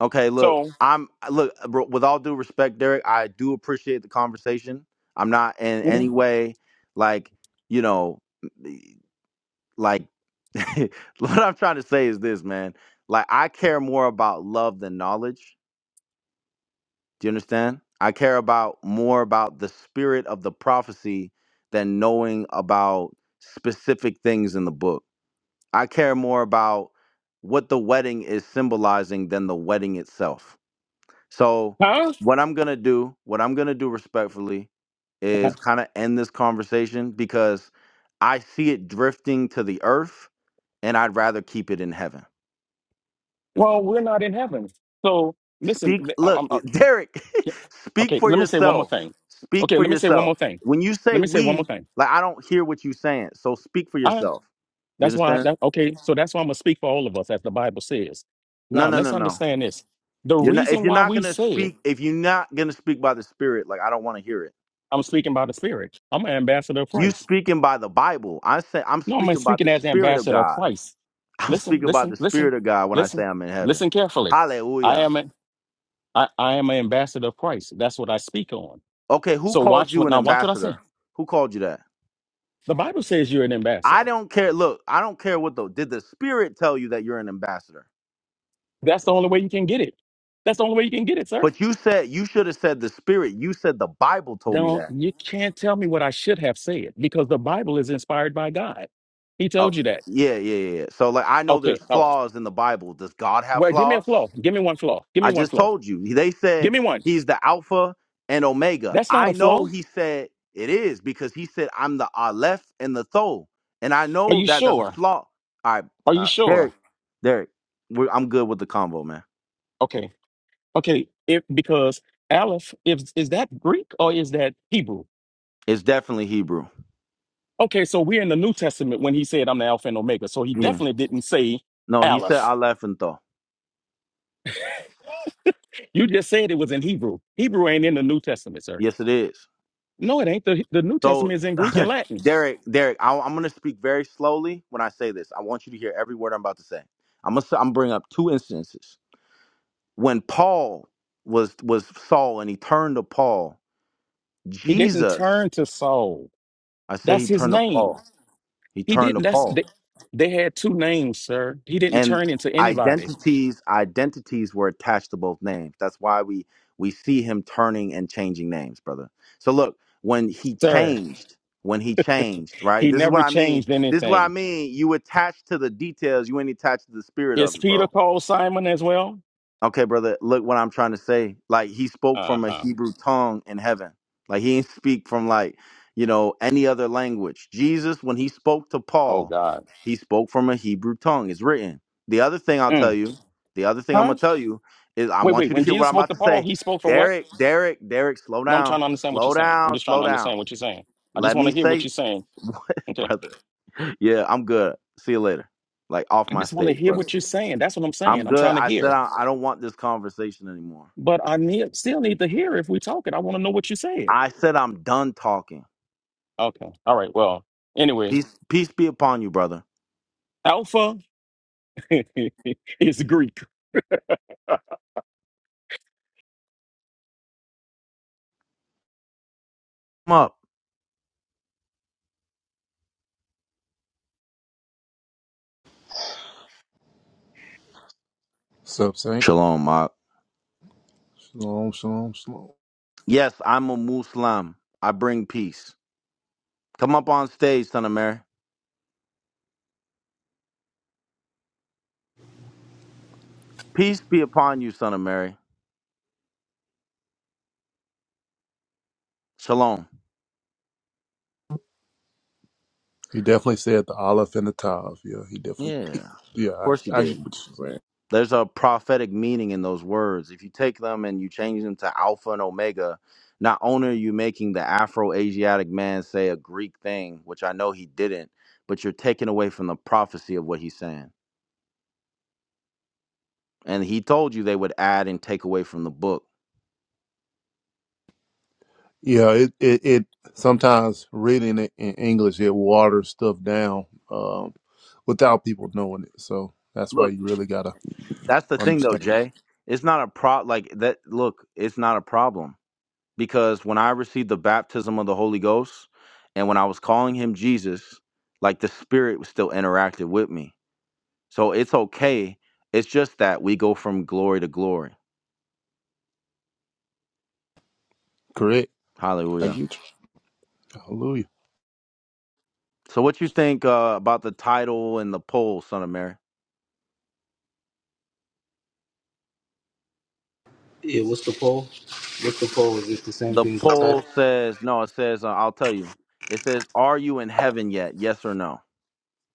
Speaker 1: Okay, look,
Speaker 4: So,
Speaker 1: I'm uh, look bro, with all due respect, Derek. I do appreciate the conversation. I'm not in
Speaker 4: mhm.
Speaker 1: any way like you know, like what I'm trying to say is this, man. Like I care more about love than knowledge. Do you understand? I care about more about the spirit of the prophecy than knowing about specific things in the book. I care more about what the wedding is symbolizing than the wedding itself. So,
Speaker 4: huh?
Speaker 1: what I'm going to do, what I'm going to do respectfully is kind of end this conversation because I see it drifting to the earth and I'd rather keep it in heaven.
Speaker 4: Well, we're not in heaven. So, listen.
Speaker 1: Speak,
Speaker 4: th- I-
Speaker 1: look,
Speaker 4: I'm, uh,
Speaker 1: Derek,
Speaker 4: yeah.
Speaker 1: speak
Speaker 4: okay,
Speaker 1: for
Speaker 4: let me say one more
Speaker 1: yourself.
Speaker 4: thing.
Speaker 1: Speak
Speaker 4: Okay,
Speaker 1: for
Speaker 4: let me say one
Speaker 1: yourself.
Speaker 4: more thing.
Speaker 1: When you
Speaker 4: Let
Speaker 1: say
Speaker 4: me say one more
Speaker 1: we,
Speaker 4: thing.
Speaker 1: like I don't hear what you're saying. So speak for
Speaker 4: I,
Speaker 1: yourself. You
Speaker 4: that's why.
Speaker 1: understand?
Speaker 4: That, okay, so that's why I'm gonna speak for all of us, as the Bible says.
Speaker 1: No,
Speaker 4: Now,
Speaker 1: no,
Speaker 4: let's
Speaker 1: no, no.
Speaker 4: understand this. The
Speaker 1: You're not if
Speaker 4: reason
Speaker 1: you're
Speaker 4: why
Speaker 1: not
Speaker 4: we
Speaker 1: gonna
Speaker 4: said
Speaker 1: speak if you're not gonna speak by the spirit, like I don't want to hear it.
Speaker 4: I'm speaking by the Spirit. I'm an ambassador of
Speaker 1: You
Speaker 4: Christ.
Speaker 1: speaking by the Bible. I say I'm
Speaker 4: No, I'm
Speaker 1: speaking by
Speaker 4: speaking
Speaker 1: the
Speaker 4: as
Speaker 1: Spirit of
Speaker 4: ambassador of
Speaker 1: God.
Speaker 4: Christ.
Speaker 1: I'm
Speaker 4: Listen,
Speaker 1: speaking by
Speaker 4: listen,
Speaker 1: the
Speaker 4: listen,
Speaker 1: Spirit of God when I
Speaker 4: listen,
Speaker 1: say I'm in heaven.
Speaker 4: listen carefully. I
Speaker 1: Hallelujah.
Speaker 4: am a, I, I am an ambassador of Christ. That's what I speak on.
Speaker 1: Okay, who
Speaker 4: So
Speaker 1: called
Speaker 4: watch
Speaker 1: you
Speaker 4: what
Speaker 1: an
Speaker 4: now. Watch what I say.
Speaker 1: ambassador? Who called you that?
Speaker 4: The Bible says you're an
Speaker 1: I
Speaker 4: ambassador.
Speaker 1: don't care. Look, I don't care what though. Did the Spirit tell you that you're an ambassador?
Speaker 4: That's the only way you can get it. That's the only way you can get it, sir.
Speaker 1: But you said you should have said the Spirit. You said the Bible told me
Speaker 4: Don't
Speaker 1: that.
Speaker 4: you can't tell me what I should have said because the Bible is inspired by God. He
Speaker 1: Oh,
Speaker 4: told you that.
Speaker 1: yeah, yeah, yeah. yeah. So like I know there's
Speaker 4: Okay, all right.
Speaker 1: flaws in the Bible. Does God have
Speaker 4: Well, give me a
Speaker 1: flaws?
Speaker 4: flaw. Give me one flaw. Give me
Speaker 1: I
Speaker 4: one
Speaker 1: just
Speaker 4: flaw.
Speaker 1: told you. They said
Speaker 4: Give me one.
Speaker 1: He's the Alpha and Omega.
Speaker 4: That's not a
Speaker 1: I know
Speaker 4: flaw.
Speaker 1: he said it is because he said, I'm the Aleph and the Tho. And I
Speaker 4: Are
Speaker 1: know
Speaker 4: you
Speaker 1: that that's a
Speaker 4: sure?
Speaker 1: flaw. All right,
Speaker 4: Are you
Speaker 1: uh,
Speaker 4: sure?
Speaker 1: Derek, Derek, we're, I'm good with the combo, man.
Speaker 4: Okay. Okay, if because Aleph is is that Greek or is that Hebrew?
Speaker 1: It's definitely Hebrew.
Speaker 4: Okay, so we're in the New Testament when he said I'm the Alpha and Omega. So he
Speaker 1: Yeah.
Speaker 4: definitely didn't say
Speaker 1: No, he said
Speaker 4: Aleph.
Speaker 1: Aleph and Tho.
Speaker 4: You just said it was in Hebrew. Hebrew ain't in the New Testament, sir.
Speaker 1: Yes, it is.
Speaker 4: No, it ain't. The, the New Testament
Speaker 1: So,
Speaker 4: is in Greek and Latin.
Speaker 1: Derek, Derek, I, I'm going to speak very slowly when I say this. I want you to hear every word I'm about to say. I'm going to I'm bring up two instances. When Paul was was Saul and he turned to Paul
Speaker 4: He didn't
Speaker 1: Jesus,
Speaker 4: turn to Saul.
Speaker 1: I say
Speaker 4: That's
Speaker 1: he
Speaker 4: his
Speaker 1: turned to
Speaker 4: name.
Speaker 1: Paul. He
Speaker 4: He
Speaker 1: turned to
Speaker 4: didn't. That's
Speaker 1: Paul.
Speaker 4: they, they had two names, sir. He didn't
Speaker 1: And
Speaker 4: turn into anybody,
Speaker 1: identities, identities were attached to both names. That's why we we see him turning and changing names, brother. So look, when he
Speaker 4: sir.
Speaker 1: changed, when he changed, right?
Speaker 4: He
Speaker 1: This is what
Speaker 4: never
Speaker 1: I mean.
Speaker 4: changed
Speaker 1: This is what I
Speaker 4: anything.
Speaker 1: mean. You attach to the details, you ain't attached to the spirit
Speaker 4: Is
Speaker 1: of it,
Speaker 4: Peter
Speaker 1: bro.
Speaker 4: called Simon as well?
Speaker 1: Okay, brother, look what I'm trying to say. Like he spoke
Speaker 4: Uh
Speaker 1: from a
Speaker 4: huh.
Speaker 1: Hebrew tongue in heaven. Like he didn't speak from like, you know, any other language. Jesus, when he spoke to
Speaker 4: Oh
Speaker 1: Paul,
Speaker 4: God.
Speaker 1: he spoke from a Hebrew tongue. It's written. The other thing I'll
Speaker 4: Mm.
Speaker 1: tell you, the other thing I'm gonna
Speaker 4: Huh?
Speaker 1: tell you is I
Speaker 4: Wait,
Speaker 1: want
Speaker 4: wait.
Speaker 1: you to
Speaker 4: When
Speaker 1: hear
Speaker 4: Jesus
Speaker 1: what I'm
Speaker 4: spoke
Speaker 1: about
Speaker 4: to
Speaker 1: to
Speaker 4: Paul,
Speaker 1: say.
Speaker 4: he spoke from what?
Speaker 1: Derek, Derek, Derek, slow
Speaker 4: No, I'm trying
Speaker 1: down.
Speaker 4: to understand what you're
Speaker 1: Slow
Speaker 4: saying. I'm
Speaker 1: down,
Speaker 4: just trying
Speaker 1: slow
Speaker 4: to understand
Speaker 1: down.
Speaker 4: what you're saying. I just
Speaker 1: Let
Speaker 4: want
Speaker 1: me
Speaker 4: to hear what
Speaker 1: say
Speaker 4: you're saying.
Speaker 1: what
Speaker 4: Okay.
Speaker 1: brother. Yeah, I'm good. See you later. Like off
Speaker 4: I
Speaker 1: my
Speaker 4: just want to
Speaker 1: stage,
Speaker 4: hear
Speaker 1: brother.
Speaker 4: what you're saying. That's what I'm saying.
Speaker 1: I'm
Speaker 4: I'm
Speaker 1: good.
Speaker 4: trying to
Speaker 1: I said
Speaker 4: hear.
Speaker 1: I, I don't want this conversation anymore.
Speaker 4: But I need, still need to hear if we talking. I want to know what you said.
Speaker 1: I said I'm done talking.
Speaker 4: Okay. All right. Well, anyway,
Speaker 1: Peace, peace be upon you, brother.
Speaker 4: Alpha is Greek.
Speaker 1: Come up.
Speaker 5: What's up, Saint?
Speaker 1: Shalom, Mark.
Speaker 5: Shalom, shalom, shalom.
Speaker 1: Yes, I'm a Muslim. I bring peace. Come up on stage, son of Mary. Peace be upon you, son of Mary. Shalom.
Speaker 5: He definitely said the Aleph and the Tav. Yeah, he definitely.
Speaker 1: Yeah, of
Speaker 5: Yeah,
Speaker 1: course he
Speaker 5: I, I get
Speaker 1: did.
Speaker 5: what you're saying.
Speaker 1: There's a prophetic meaning in those words. If you take them and you change them to Alpha and Omega, not only are you making the Afro Asiatic man say a Greek thing, which I know he didn't, but you're taking away from the prophecy of what he's saying. And he told you they would add and take away from the book.
Speaker 5: Yeah, it, it, it sometimes reading it in English it waters stuff down um, without people knowing it. So that's why
Speaker 1: Look,
Speaker 5: you really gotta
Speaker 1: That's the thing though,
Speaker 5: understand.
Speaker 1: Jay. It's not a pro like that look, it's not a problem. Because when I received the baptism of the Holy Ghost and when I was calling him Jesus, like the spirit was still interactive with me. So it's okay. It's just that we go from glory to glory.
Speaker 5: Correct. I get
Speaker 1: Hallelujah.
Speaker 5: you. Hallelujah.
Speaker 1: So what you think uh, about the title and the poll, son of Mary?
Speaker 6: Yeah, what's the poll? What's the poll? Is it the same
Speaker 1: The
Speaker 6: thing as the
Speaker 1: poll
Speaker 6: title?
Speaker 1: says no, it says uh, I'll tell you. It says are you in heaven yet? Yes or no?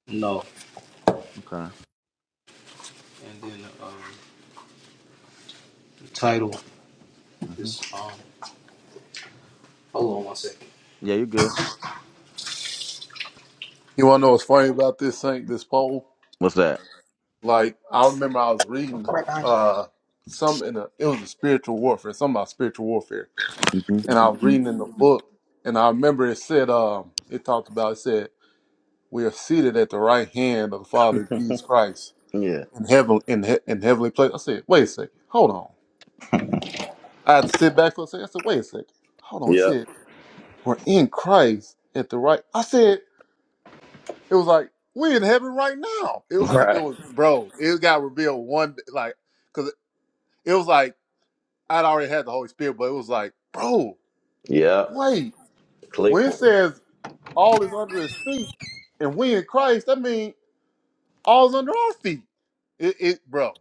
Speaker 6: No.
Speaker 1: Okay.
Speaker 6: And then um, the title
Speaker 1: hmm
Speaker 6: is um. Hold on one second.
Speaker 1: Yeah, you good.
Speaker 5: You wanna know what's funny about this Saint? This poll.
Speaker 1: What's that?
Speaker 5: Like I remember I was reading uh some in a it was a spiritual warfare. Something about spiritual warfare
Speaker 1: hmm
Speaker 5: and I was reading in the book, and I remember it said, um, it talked about it said we are seated at the right hand of the Father Jesus Christ
Speaker 1: Yeah.
Speaker 5: in heaven in he, in heavenly place. I said, wait a second, hold on. I had to sit back for a second. I said, wait a second, hold on. I
Speaker 1: Yep.
Speaker 5: said, we're in Christ at the right. I said, it was like we're in heaven right now. It wa- it
Speaker 1: Right.
Speaker 5: was bro. It got revealed one like because it was like I'd already had the Holy Spirit, but it was like, bro,
Speaker 1: Yeah.
Speaker 5: wait.
Speaker 1: Click
Speaker 5: When it
Speaker 1: for it.
Speaker 5: says all is under his feet, and we in Christ, that means all's under our feet. It, it bro,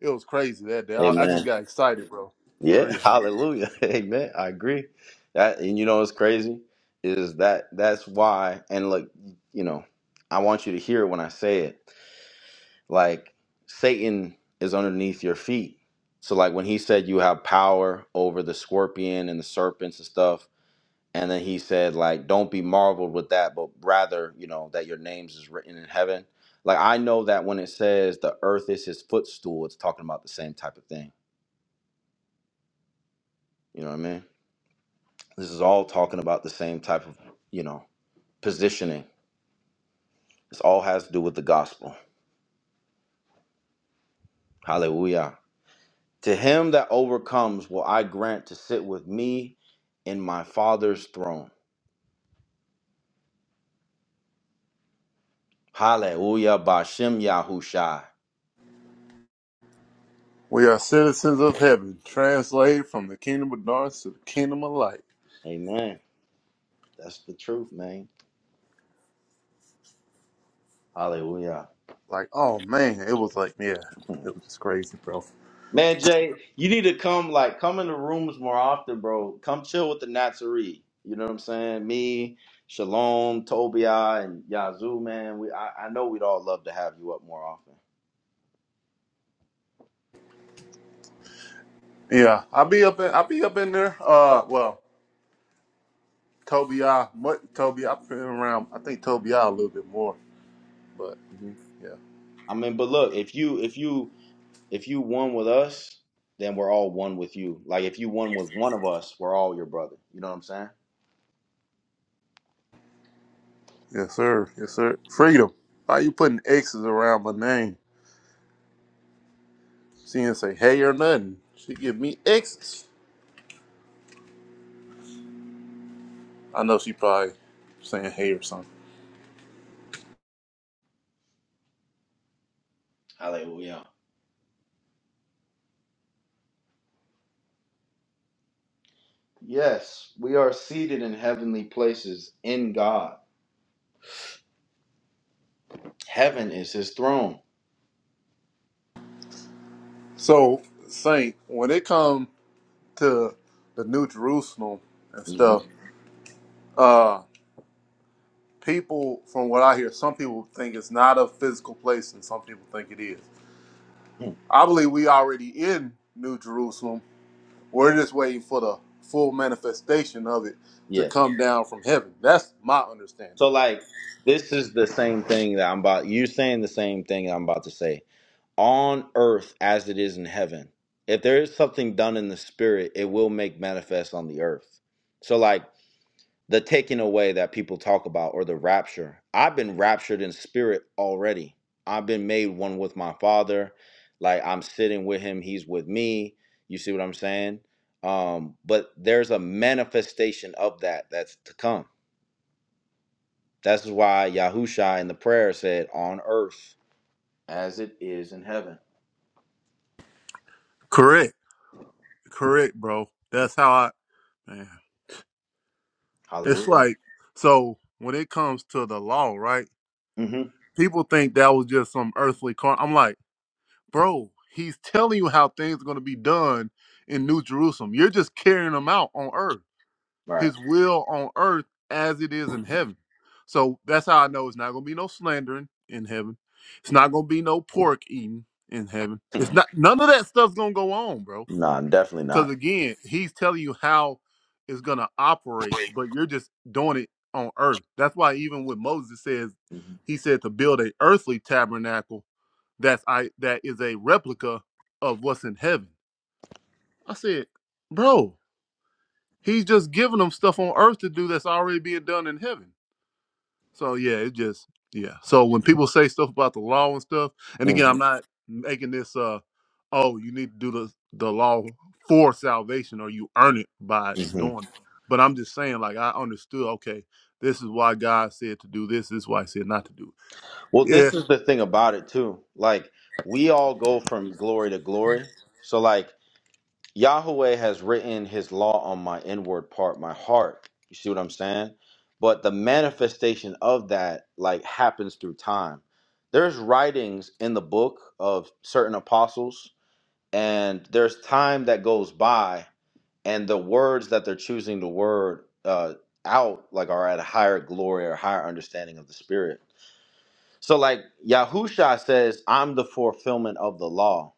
Speaker 5: it was crazy that day. I, I just
Speaker 1: Amen.
Speaker 5: got excited, bro. For
Speaker 1: Yeah.
Speaker 5: real.
Speaker 1: Hallelujah. Amen. I agree. That and you know what's crazy is that that's why and look, you know, I want you to hear it when I say it. Like Satan is underneath your feet. So like when he said you have power over the scorpion and the serpents and stuff, and then he said like don't be marveled with that but rather you know that your names is written in heaven like i know that when it says the earth is his footstool it's talking about the same type of thing you know what i mean this is all talking about the same type of you know positioning this all has to do with the gospel hallelujah to him that overcomes will i grant to sit with me in my father's throne hallelujah bashem yahushai
Speaker 5: We are citizens of heaven, translated from the kingdom of darkness to the kingdom of light.
Speaker 1: amen that's the truth man hallelujah
Speaker 5: Like, oh man, it was like, yeah, it was just crazy, bro.
Speaker 1: Man, Jay, you need to come like come in the rooms more often, bro. Come chill with the Natsuri. You know what I'm saying? Me, Shalom, Tobiah, and Yazoo, man. We I, I know we'd all love to have you up more often.
Speaker 5: Yeah, I'll be up in, I'll be up in there. Uh, well, Toby, I, what Toby, I've been around. I think Toby, a little bit more, but
Speaker 1: Mhm.
Speaker 5: yeah,
Speaker 1: I mean, but look, if you if you if you one with us, then we're all one with you. Like if you one with one of us, we're all your brother. You know what I'm saying?
Speaker 5: yes sir, yes sir. Freedom. Why you putting X's around my name? She didn't say hey or nothing. She give me X's. I know she probably saying hey or something.
Speaker 1: Hallelujah. Yes, we are seated in heavenly places in God. Heaven is his throne.
Speaker 5: So Saint, when it come to the New Jerusalem and
Speaker 1: Mhm.
Speaker 5: stuff, uh, people from what I hear, some people think it's not a physical place, and some people think it is. I believe we already in New Jerusalem. We're just waiting for the full manifestation of it to
Speaker 1: Yeah.
Speaker 5: come down from heaven. That's my understanding.
Speaker 1: So like this is the same thing that I'm about you're saying the same thing that I'm about to say. On earth as it is in heaven. If there is something done in the spirit, it will make manifest on the earth. So like the taking away that people talk about or the rapture. I've been raptured in spirit already. I've been made one with my father. Like I'm sitting with him, he's with me. You see what I'm saying? Um, but there's a manifestation of that that's to come that's why Yahusha in the prayer said, "On earth as it is in heaven."
Speaker 5: Correct. Correct, bro. That's how I man. It's
Speaker 1: Hallelujah.
Speaker 5: like so when it comes to the law, right?
Speaker 1: hmm
Speaker 5: People think that was just some earthly car. I'm like, bro, he's telling you how things are going to be done in New Jerusalem. You're just carrying them out on earth.
Speaker 1: Right.
Speaker 5: His will on earth as it is in heaven. So that's how I know it's not going to be no slandering in heaven. It's not going to be no pork eating in heaven. It's not none of that stuff's going to go on, bro.
Speaker 1: Nah, definitely
Speaker 5: Because
Speaker 1: not.
Speaker 5: again, he's telling you how it's gonna operate, but you're just doing it on earth. That's why even with Moses says,
Speaker 1: Mhm.
Speaker 5: he said to build a earthly tabernacle that's I that is a replica of what's in heaven. I said, bro, he's just giving them stuff on earth to do that's already being done in heaven. So yeah, it just yeah. So when people say stuff about the law and stuff, and again, I'm not making this uh oh, you need to do the the law for salvation or you earn it by
Speaker 1: Mhm.
Speaker 5: doing it. But I'm just saying, like I understood, okay, this is why God said to do this, this is why he said not to do it.
Speaker 1: Well,
Speaker 5: Yeah.
Speaker 1: this is the thing about it too. Like we all go from glory to glory. So like Yahweh has written his law on my inward part, my heart. You see what I'm saying? But the manifestation of that like happens through time. There's writings in the book of certain apostles and there's time that goes by and the words that they're choosing to word uh, out like are at a higher glory or higher understanding of the spirit so like yahusha says i'm the fulfillment of the law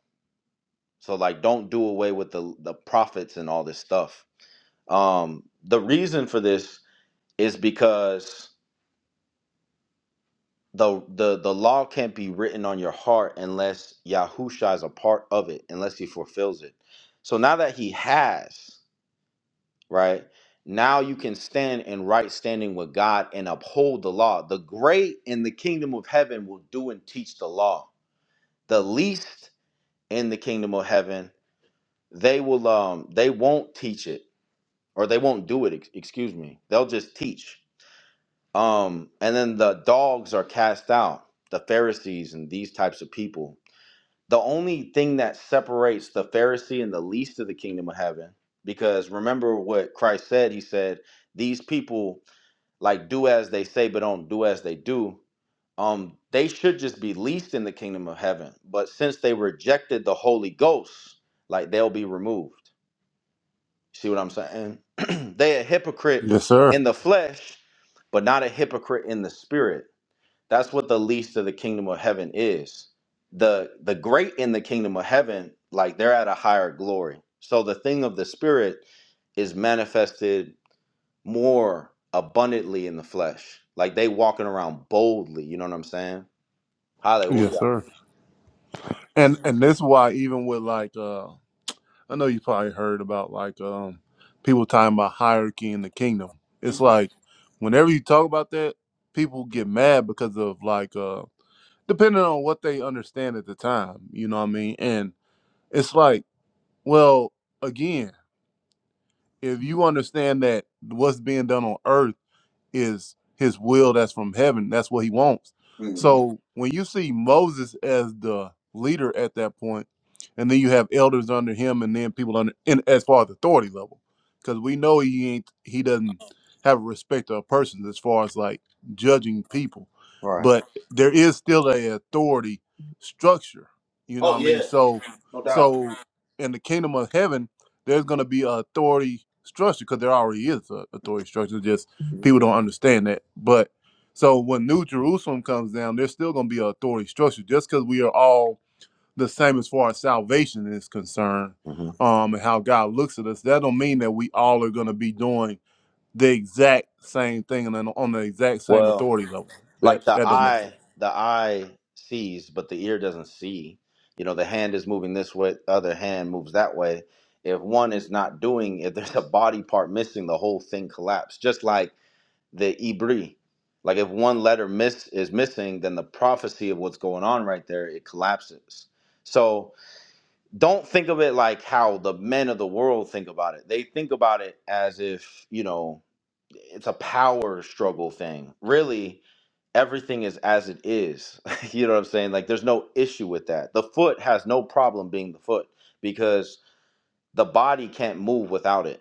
Speaker 1: so like don't do away with the the prophets and all this stuff um the reason for this is because the the the law can't be written on your heart unless yahusha is a part of it unless he fulfills it so now that he has right? Now you can stand in right standing with God and uphold the law. The great in the kingdom of heaven will do and teach the law. The least in the kingdom of heaven, they will um they won't teach it or they won't do it, ex- excuse me. They'll just teach. Um and then the dogs are cast out, the Pharisees and these types of people. The only thing that separates the Pharisee and the least of the kingdom of heaven because remember what Christ said, he said, these people like do as they say but don't do as they do um they should just be least in the kingdom of heaven but since they rejected the holy ghost like they'll be removed see what i'm saying they a hypocrite
Speaker 5: Yes, sir.
Speaker 1: in the flesh but not a hypocrite in the spirit that's what the least of the kingdom of heaven is the the great in the kingdom of heaven like they're at a higher glory so the thing of the spirit is manifested more abundantly in the flesh. Like they walking around boldly. You know what I'm saying?
Speaker 5: Yes,
Speaker 1: Hallelujah.
Speaker 5: sir. And and this is why even with like uh I know you probably heard about like um people talking about hierarchy in the kingdom. It's
Speaker 1: Mm-hmm.
Speaker 5: like whenever you talk about that, people get mad because of like uh depending on what they understand at the time, you know what I mean? And it's like, well, again, if you understand that what's being done on earth is his will that's from heaven. That's what he wants.
Speaker 1: Mm-hmm.
Speaker 5: So when you see Moses as the leader at that point, and then you have elders under him, and then people under in, as far as authority level, because we know he ain't he doesn't have a respect of persons as far as like judging people,
Speaker 1: Right.
Speaker 5: but there is still a authority structure. You know what
Speaker 1: Oh
Speaker 5: I mean?
Speaker 1: yeah,
Speaker 5: So
Speaker 1: no doubt.
Speaker 5: so in the kingdom of heaven, there's gonna be a authority structure because there already is a authority structure. Just people don't understand that. But so when New Jerusalem comes down, there's still going to be an authority structure just because we are all the same as far as salvation is concerned
Speaker 1: hmm
Speaker 5: um, and how God looks at us. That don't mean that we all are going to be doing the exact same thing and on on the exact same
Speaker 1: Well,
Speaker 5: authority level. That
Speaker 1: like the
Speaker 5: that don't make
Speaker 1: eye,
Speaker 5: sense.
Speaker 1: the eye sees, but the ear doesn't see. You know, the hand is moving this way, the other hand moves that way. If one is not doing, if there's a body part missing, the whole thing collapse. Just like the ibri. Like if one letter miss is missing, then the prophecy of what's going on right there it collapses. So don't think of it like how the men of the world think about it. They think about it as if you know it's a power struggle thing. Really, everything is as it is. you know what I'm saying? Like there's no issue with that. The foot has no problem being the foot because the body can't move without it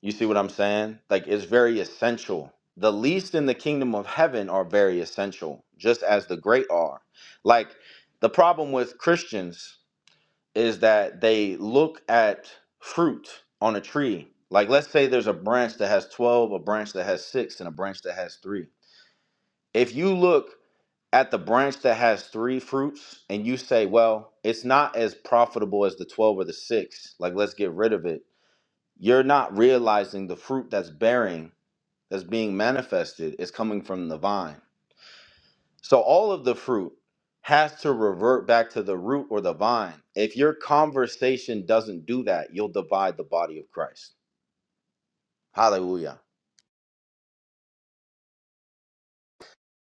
Speaker 1: you see what I'm saying? Like it's very essential. The least in the kingdom of heaven are very essential, just as the great are. Like the problem with Christians is that they look at fruit on a tree. Like let's say there's a branch that has 12, a branch that has 6 and a branch that has 3. If you look at the branch that has 3 fruits and you say, "Well, it's not as profitable as the 12 or the 6, like let's get rid of it." You're not realizing the fruit that's bearing that's being manifested is coming from the vine. So all of the fruit has to revert back to the root or the vine. If your conversation doesn't do that, you'll divide the body of Christ. Hallelujah.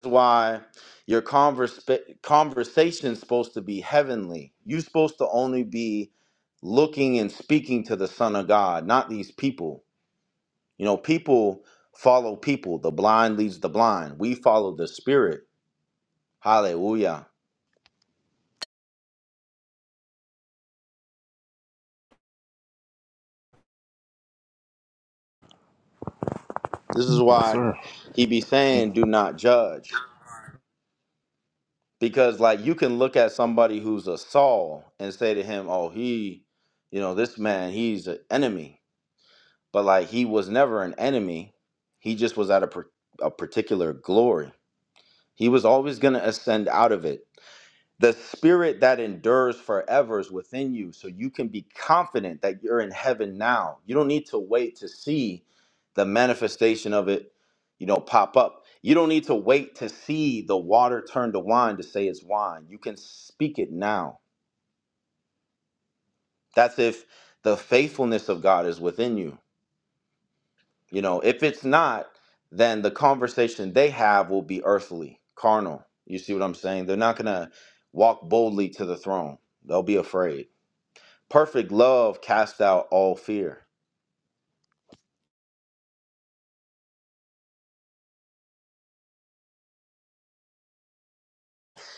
Speaker 1: That's why your convers- conversation is supposed to be heavenly. You're supposed to only be looking and speaking to the Son of God, not these people. You know, people follow people. The blind leads the blind. We follow the Spirit. Hallelujah This is
Speaker 5: Yes,
Speaker 1: why
Speaker 5: sir.
Speaker 1: he be
Speaker 5: Yeah.
Speaker 1: saying, "Do not judge," because like you can look at somebody who's a Saul and say to him, "Oh, he, you know, this man, he's an enemy," but like he was never an enemy. He just was at a par- a particular glory. He was always gonna ascend out of it The spirit that endures forever is within you, so you can be confident that you're in heaven now. You don't need to wait to see the manifestation of it, you know, pop up. You don't need to wait to see the water turn to wine to say it's wine. You can speak it now. That's if the faithfulness of God is within you. You know, if it's not, then the conversation they have will be earthly, carnal. You see what I'm saying? They're not going to walk boldly to the throne. They'll be afraid. Perfect love casts out all fear.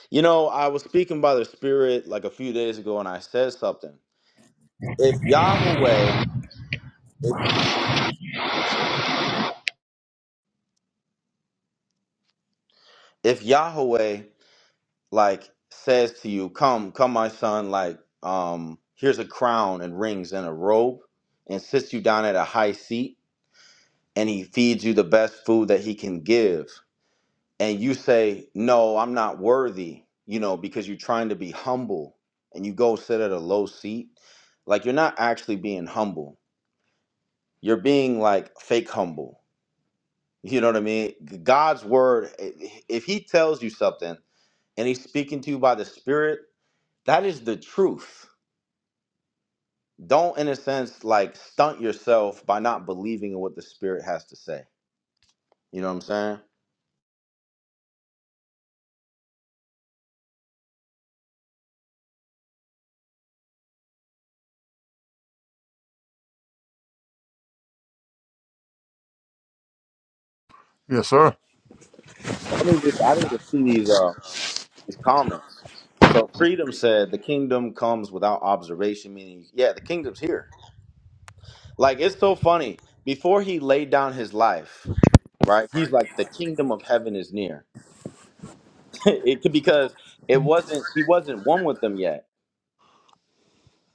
Speaker 1: You know, I was speaking by the Spirit like a few days ago and I said something. If Yahweh, if, if Yahweh like says to you, Come, come, my son, like, um, here's a crown and rings and a robe, and sits you down at a high seat, and he feeds you the best food that he can give. and you say, No, I'm not worthy, you know, because you're trying to be humble and you go sit at a low seat, like you're not actually being humble. You're being like fake humble. You know what I mean? God's word, i- if He tells you something and He's speaking to you by the Spirit, that is the truth. Don't, in a sense, like stunt yourself by not believing in what the Spirit has to say. You know what I'm saying?
Speaker 5: Yes, sir.
Speaker 1: Let me read. I need to see these. these comments. So freedom said the kingdom comes without observation, meaning yeah, the kingdom's here. Like it's so funny. Before he laid down his life, right? He's like the kingdom of heaven is near. it could because it wasn't he wasn't one with them yet.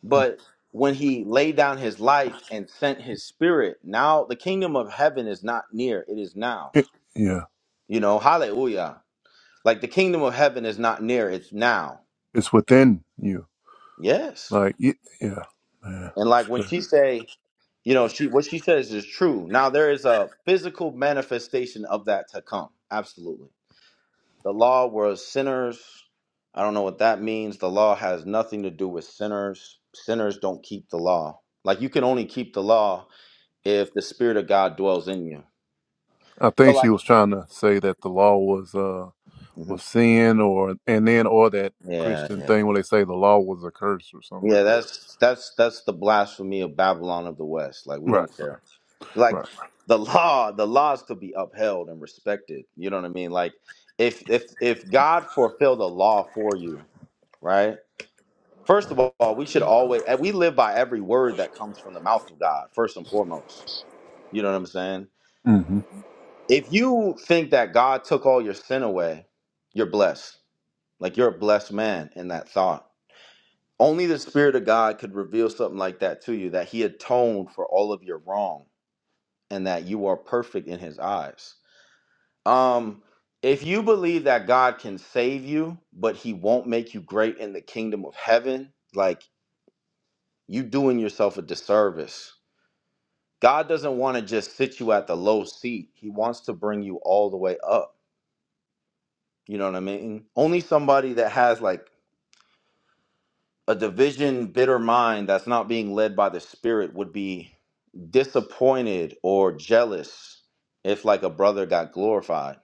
Speaker 1: But when he laid down his life and sent his spirit, now the kingdom of heaven is not near, it is now.
Speaker 5: It- yeah,
Speaker 1: You know, hallelujah. Like the kingdom of heaven is not near, it's now.
Speaker 5: it's within you.
Speaker 1: Yes.
Speaker 5: Like, y- yeah, man.
Speaker 1: And
Speaker 5: It's
Speaker 1: like when
Speaker 5: crazy.
Speaker 1: she say you know she what she says is true now there is a physical manifestation of that to come absolutely the law was sinners i don't know what that means the law has nothing to do with sinners sinners don't keep the law like you can only keep the law if the spirit of god dwells in you
Speaker 5: I
Speaker 1: so
Speaker 5: think she
Speaker 1: like
Speaker 5: was trying to say that the law was. uh. or
Speaker 1: Mhm.
Speaker 5: sin or and then or that
Speaker 1: yeah
Speaker 5: Christian
Speaker 1: yeah
Speaker 5: thing where they say the law was a curse or something
Speaker 1: yeah
Speaker 5: like that.
Speaker 1: that's that's that's the blasphemy of babylon of the west like we
Speaker 5: Right,
Speaker 1: don't care like
Speaker 5: right.
Speaker 1: the law the laws could be upheld and respected you know what i mean like if if if god fulfilled the law for you right first of all we should always and we live by every word that comes from the mouth of god first and foremost you know what i'm saying
Speaker 5: hmm
Speaker 1: if you think that god took all your sin away you're blessed like you're a blessed man in that thought only the spirit of god could reveal something like that to you that he atoned for all of your wrong and that you are perfect in his eyes Um, if you believe that God can save you, but he won't make you great in the kingdom of heaven, like you doing yourself a disservice. God doesn't want to just sit you at the low seat. He wants to bring you all the way up. You know what I mean? Only somebody that has like a division, bitter mind that's not being led by the spirit would be disappointed or jealous if like a brother got glorified.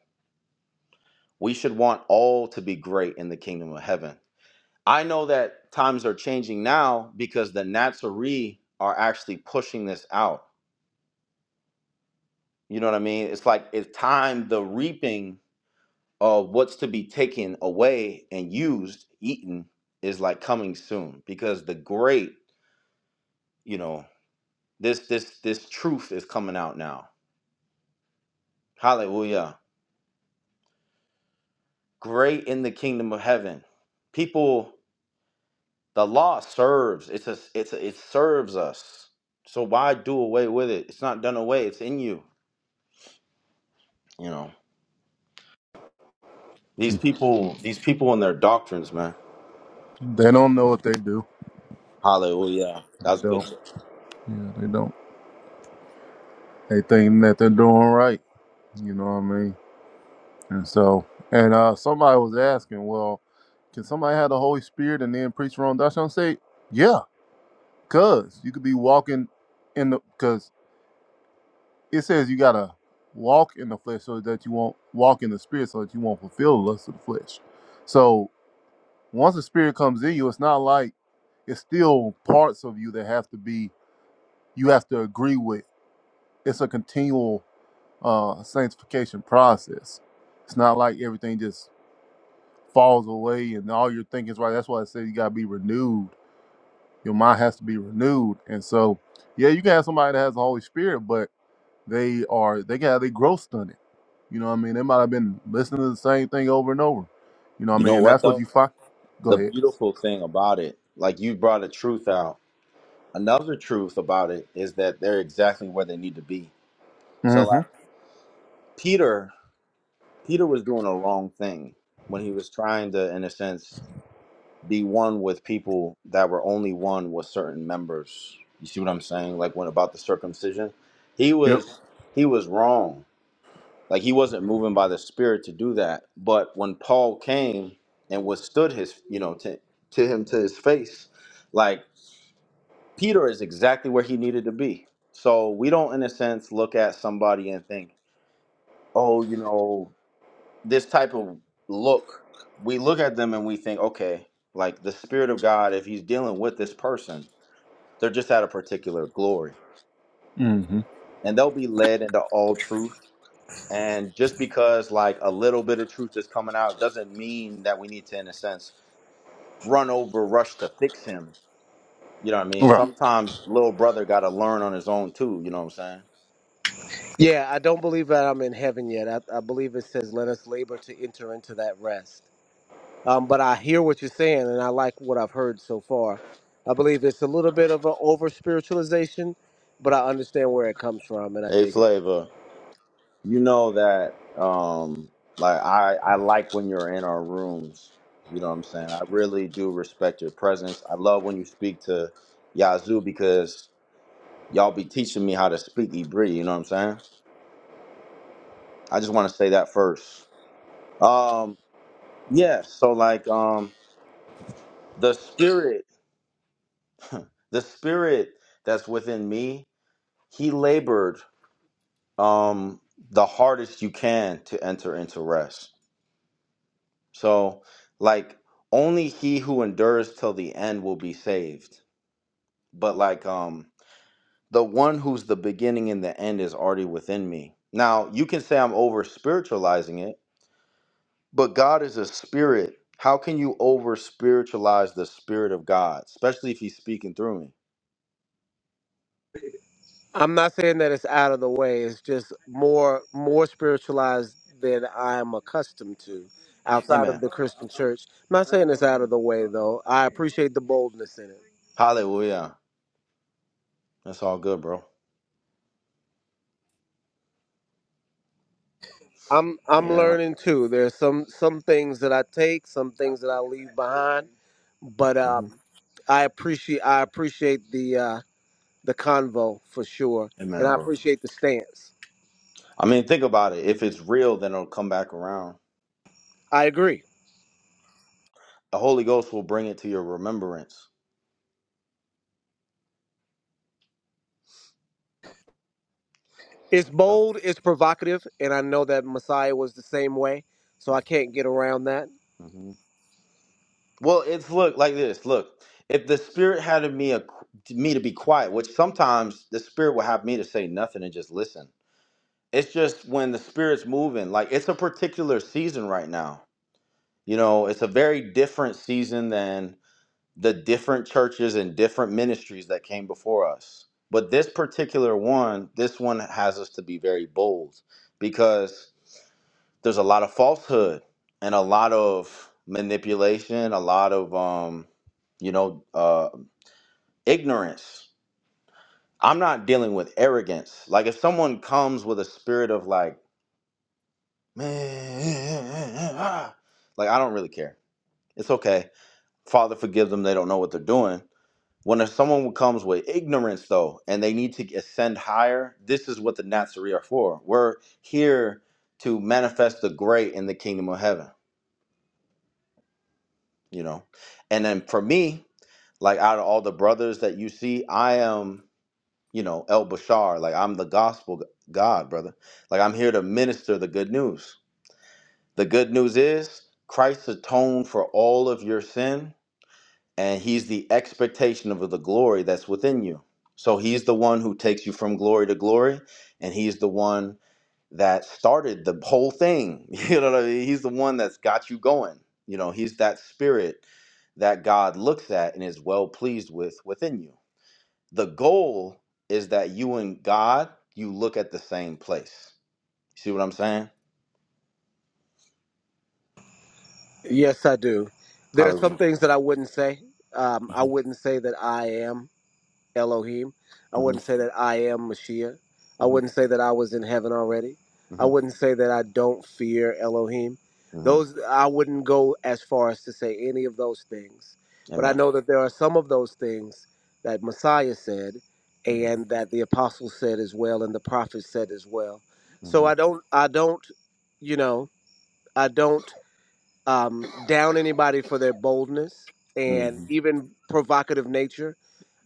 Speaker 1: We should want all to be great in the kingdom of heaven I know that times are changing now because the Natsuri are actually pushing this out. You know what I mean? It's like it's time the reaping of what's to be taken away and used, eaten, is like coming soon because the great, you know, this this this truth is coming out now. Hallelujah. Great in the kingdom of heaven. People the law serves. It's a, it's a, it serves us. So why do away with it? It's not done away. It's in you, you know. These people, these people and their doctrines, man.
Speaker 5: They don't know what they do.
Speaker 1: Hallelujah.
Speaker 5: They
Speaker 1: That's good.
Speaker 5: don't. Yeah, they don't. They think that they're doing right. You know what I mean? And so, and uh somebody was asking, well, can somebody have the Holy Spirit and then preach wrong doctrine? I'm say, yeah, cause you could be walking in the because it says you gotta walk in the flesh so that you won't walk in the spirit so that you won't fulfill the lust of the flesh. So Once the spirit comes in you, it's not like it's still parts of you that have to be you have to agree with. It's a continual uh, sanctification process. It's not like everything just falls away and all your thinking's right. That's why I say you gotta be renewed. Your mind has to be renewed. And so, yeah, you can have somebody that has the Holy Spirit, but they are they got they growth stunted. You know what I mean? They might have been listening to the same thing over and over. You know what I
Speaker 1: You know
Speaker 5: mean?
Speaker 1: what
Speaker 5: That's what
Speaker 1: though?
Speaker 5: you find. Go
Speaker 1: The
Speaker 5: ahead.
Speaker 1: beautiful thing about it, like you brought a truth out. Another truth about it is that they're exactly where they need to be. So
Speaker 5: hmm
Speaker 1: like Peter, Peter was doing a wrong thing when he was trying to, in a sense, be one with people that were only one with certain members. You see what I'm saying? Like when about the circumcision, he
Speaker 5: Yep.
Speaker 1: was he was wrong Like he wasn't moving by the Spirit to do that. But when Paul came and withstood his, you know, to, to him to his face, like Peter is exactly where he needed to be. So we don't, in a sense, look at somebody and think, oh, you know, this type of look. We look at them and we think, okay, like the Spirit of God, if he's dealing with this person, they're just at a particular glory
Speaker 5: hmm
Speaker 1: and they'll be led into all truth And just because like a little bit of truth is coming out doesn't mean that we need to, in a sense, run over rush to fix him. You know what I mean?
Speaker 5: Right.
Speaker 1: Sometimes little brother got to learn on his own too. You know what I'm saying?
Speaker 7: Yeah, I don't believe that I'm in heaven yet. I, I believe it says, "Let us labor to enter into that rest." Um, but I hear what you're saying, and I like what I've heard so far. I believe it's a little bit of an over spiritualization, but I understand where it comes from, and I
Speaker 1: Hey,
Speaker 7: dig it.
Speaker 1: Flavor, you know that um, like I I like when you're in our rooms. You know what I'm saying? I really do respect your presence. I love when you speak to Yazoo because y'all be teaching me how to speak Hebrew. You know what I'm saying? I just want to say that first. Um, Yeah, so like um the spirit, the spirit that's within me, he labored um the hardest you can to enter into rest. So like only he who endures till the end will be saved. But like um the one who's the beginning and the end is already within me. Now, you can say I'm over spiritualizing it, but God is a spirit. How can you over spiritualize the spirit of God, especially if he's speaking through me?
Speaker 7: I'm not saying that it's out of the way. It's just more more spiritualized than I'm accustomed to outside of
Speaker 1: Amen.
Speaker 7: the Christian church. I'm not saying it's out of the way though. I appreciate the boldness in it.
Speaker 1: Hallelujah. That's all good, bro.
Speaker 7: I'm I'm
Speaker 1: Yeah.
Speaker 7: learning too. There's some some things that I take, some things that I leave behind, but
Speaker 1: hmm
Speaker 7: um, I appreciate I appreciate the uh, the convo for sure, and
Speaker 1: Amen,
Speaker 7: I
Speaker 1: bro.
Speaker 7: appreciate the stance.
Speaker 1: I mean, think about it. If it's real, then it'll come back around.
Speaker 7: I agree.
Speaker 1: The Holy Ghost will bring it to your remembrance.
Speaker 7: It's
Speaker 1: Yeah.
Speaker 7: bold, it's provocative, and I know that Messiah was the same way, so I can't get around that.
Speaker 1: hmm Well, it's look like this. Look, if the Spirit had of me a, me to be quiet, which sometimes the Spirit will have me to say nothing and just listen. It's just when the Spirit's moving. Like it's a particular season right now. You know, it's a very different season than the different churches and different ministries that came before us. But this particular one, this one has us to be very bold because there's a lot of falsehood and a lot of manipulation, a lot of um, you know, uh, ignorance. I'm not dealing with arrogance. Like if someone comes with a spirit of like, man, like I don't really care. It's okay. Father, forgive them. They don't know what they're doing When someone comes with ignorance, though, and they need to ascend higher, this is what the Nazarene are for. We're here to manifest the great in the kingdom of heaven, you know. And then for me, like out of all the brothers that you see, I am, you know, El Bashar. Like I'm the gospel g- God, brother. Like I'm here to minister the good news. The good news is Christ atoned for all of your sin and he's the expectation of the glory that's within you. So he's the one who takes you from glory to glory, and he's the one that started the whole thing. You know what I mean? He's the one that's got you going. You know, he's that spirit that God looks at and is well pleased with within you. The goal is that you and God, you look at the same place. See what I'm saying?
Speaker 7: Yes, I do. There are some
Speaker 1: Hallelujah.
Speaker 7: things that I wouldn't say. Um, I
Speaker 1: Mm-hmm.
Speaker 7: wouldn't say that I am. Elohim. I wouldn't say that I am Mashiach. I
Speaker 1: Mm-hmm.
Speaker 7: wouldn't say that I was in heaven already. I
Speaker 1: Mm-hmm.
Speaker 7: wouldn't say that I don't fear Elohim.
Speaker 1: Mm-hmm.
Speaker 7: Those I wouldn't go as far as to say any of those things. But I
Speaker 1: Amen.
Speaker 7: know that there are some of those things that Messiah said and
Speaker 1: Mm-hmm.
Speaker 7: that the apostles said as well and the prophets said as well. So
Speaker 1: Mm-hmm.
Speaker 7: I don't I don't you know, I don't um, down anybody for their boldness
Speaker 1: Mm-hmm.
Speaker 7: and even provocative nature.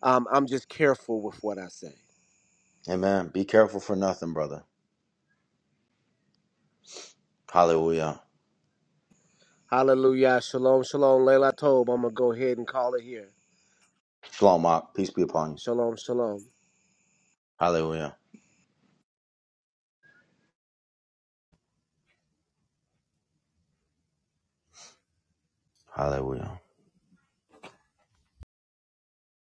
Speaker 7: Um, I'm just careful with what I say.
Speaker 1: Amen. Be careful for nothing, brother. Hallelujah.
Speaker 7: Hallelujah. Shalom, shalom. Leila Tob. I'm going to go ahead and call it here.
Speaker 1: Shalom, Mark. Peace be upon you.
Speaker 7: Shalom, shalom.
Speaker 1: Hallelujah. Hallelujah.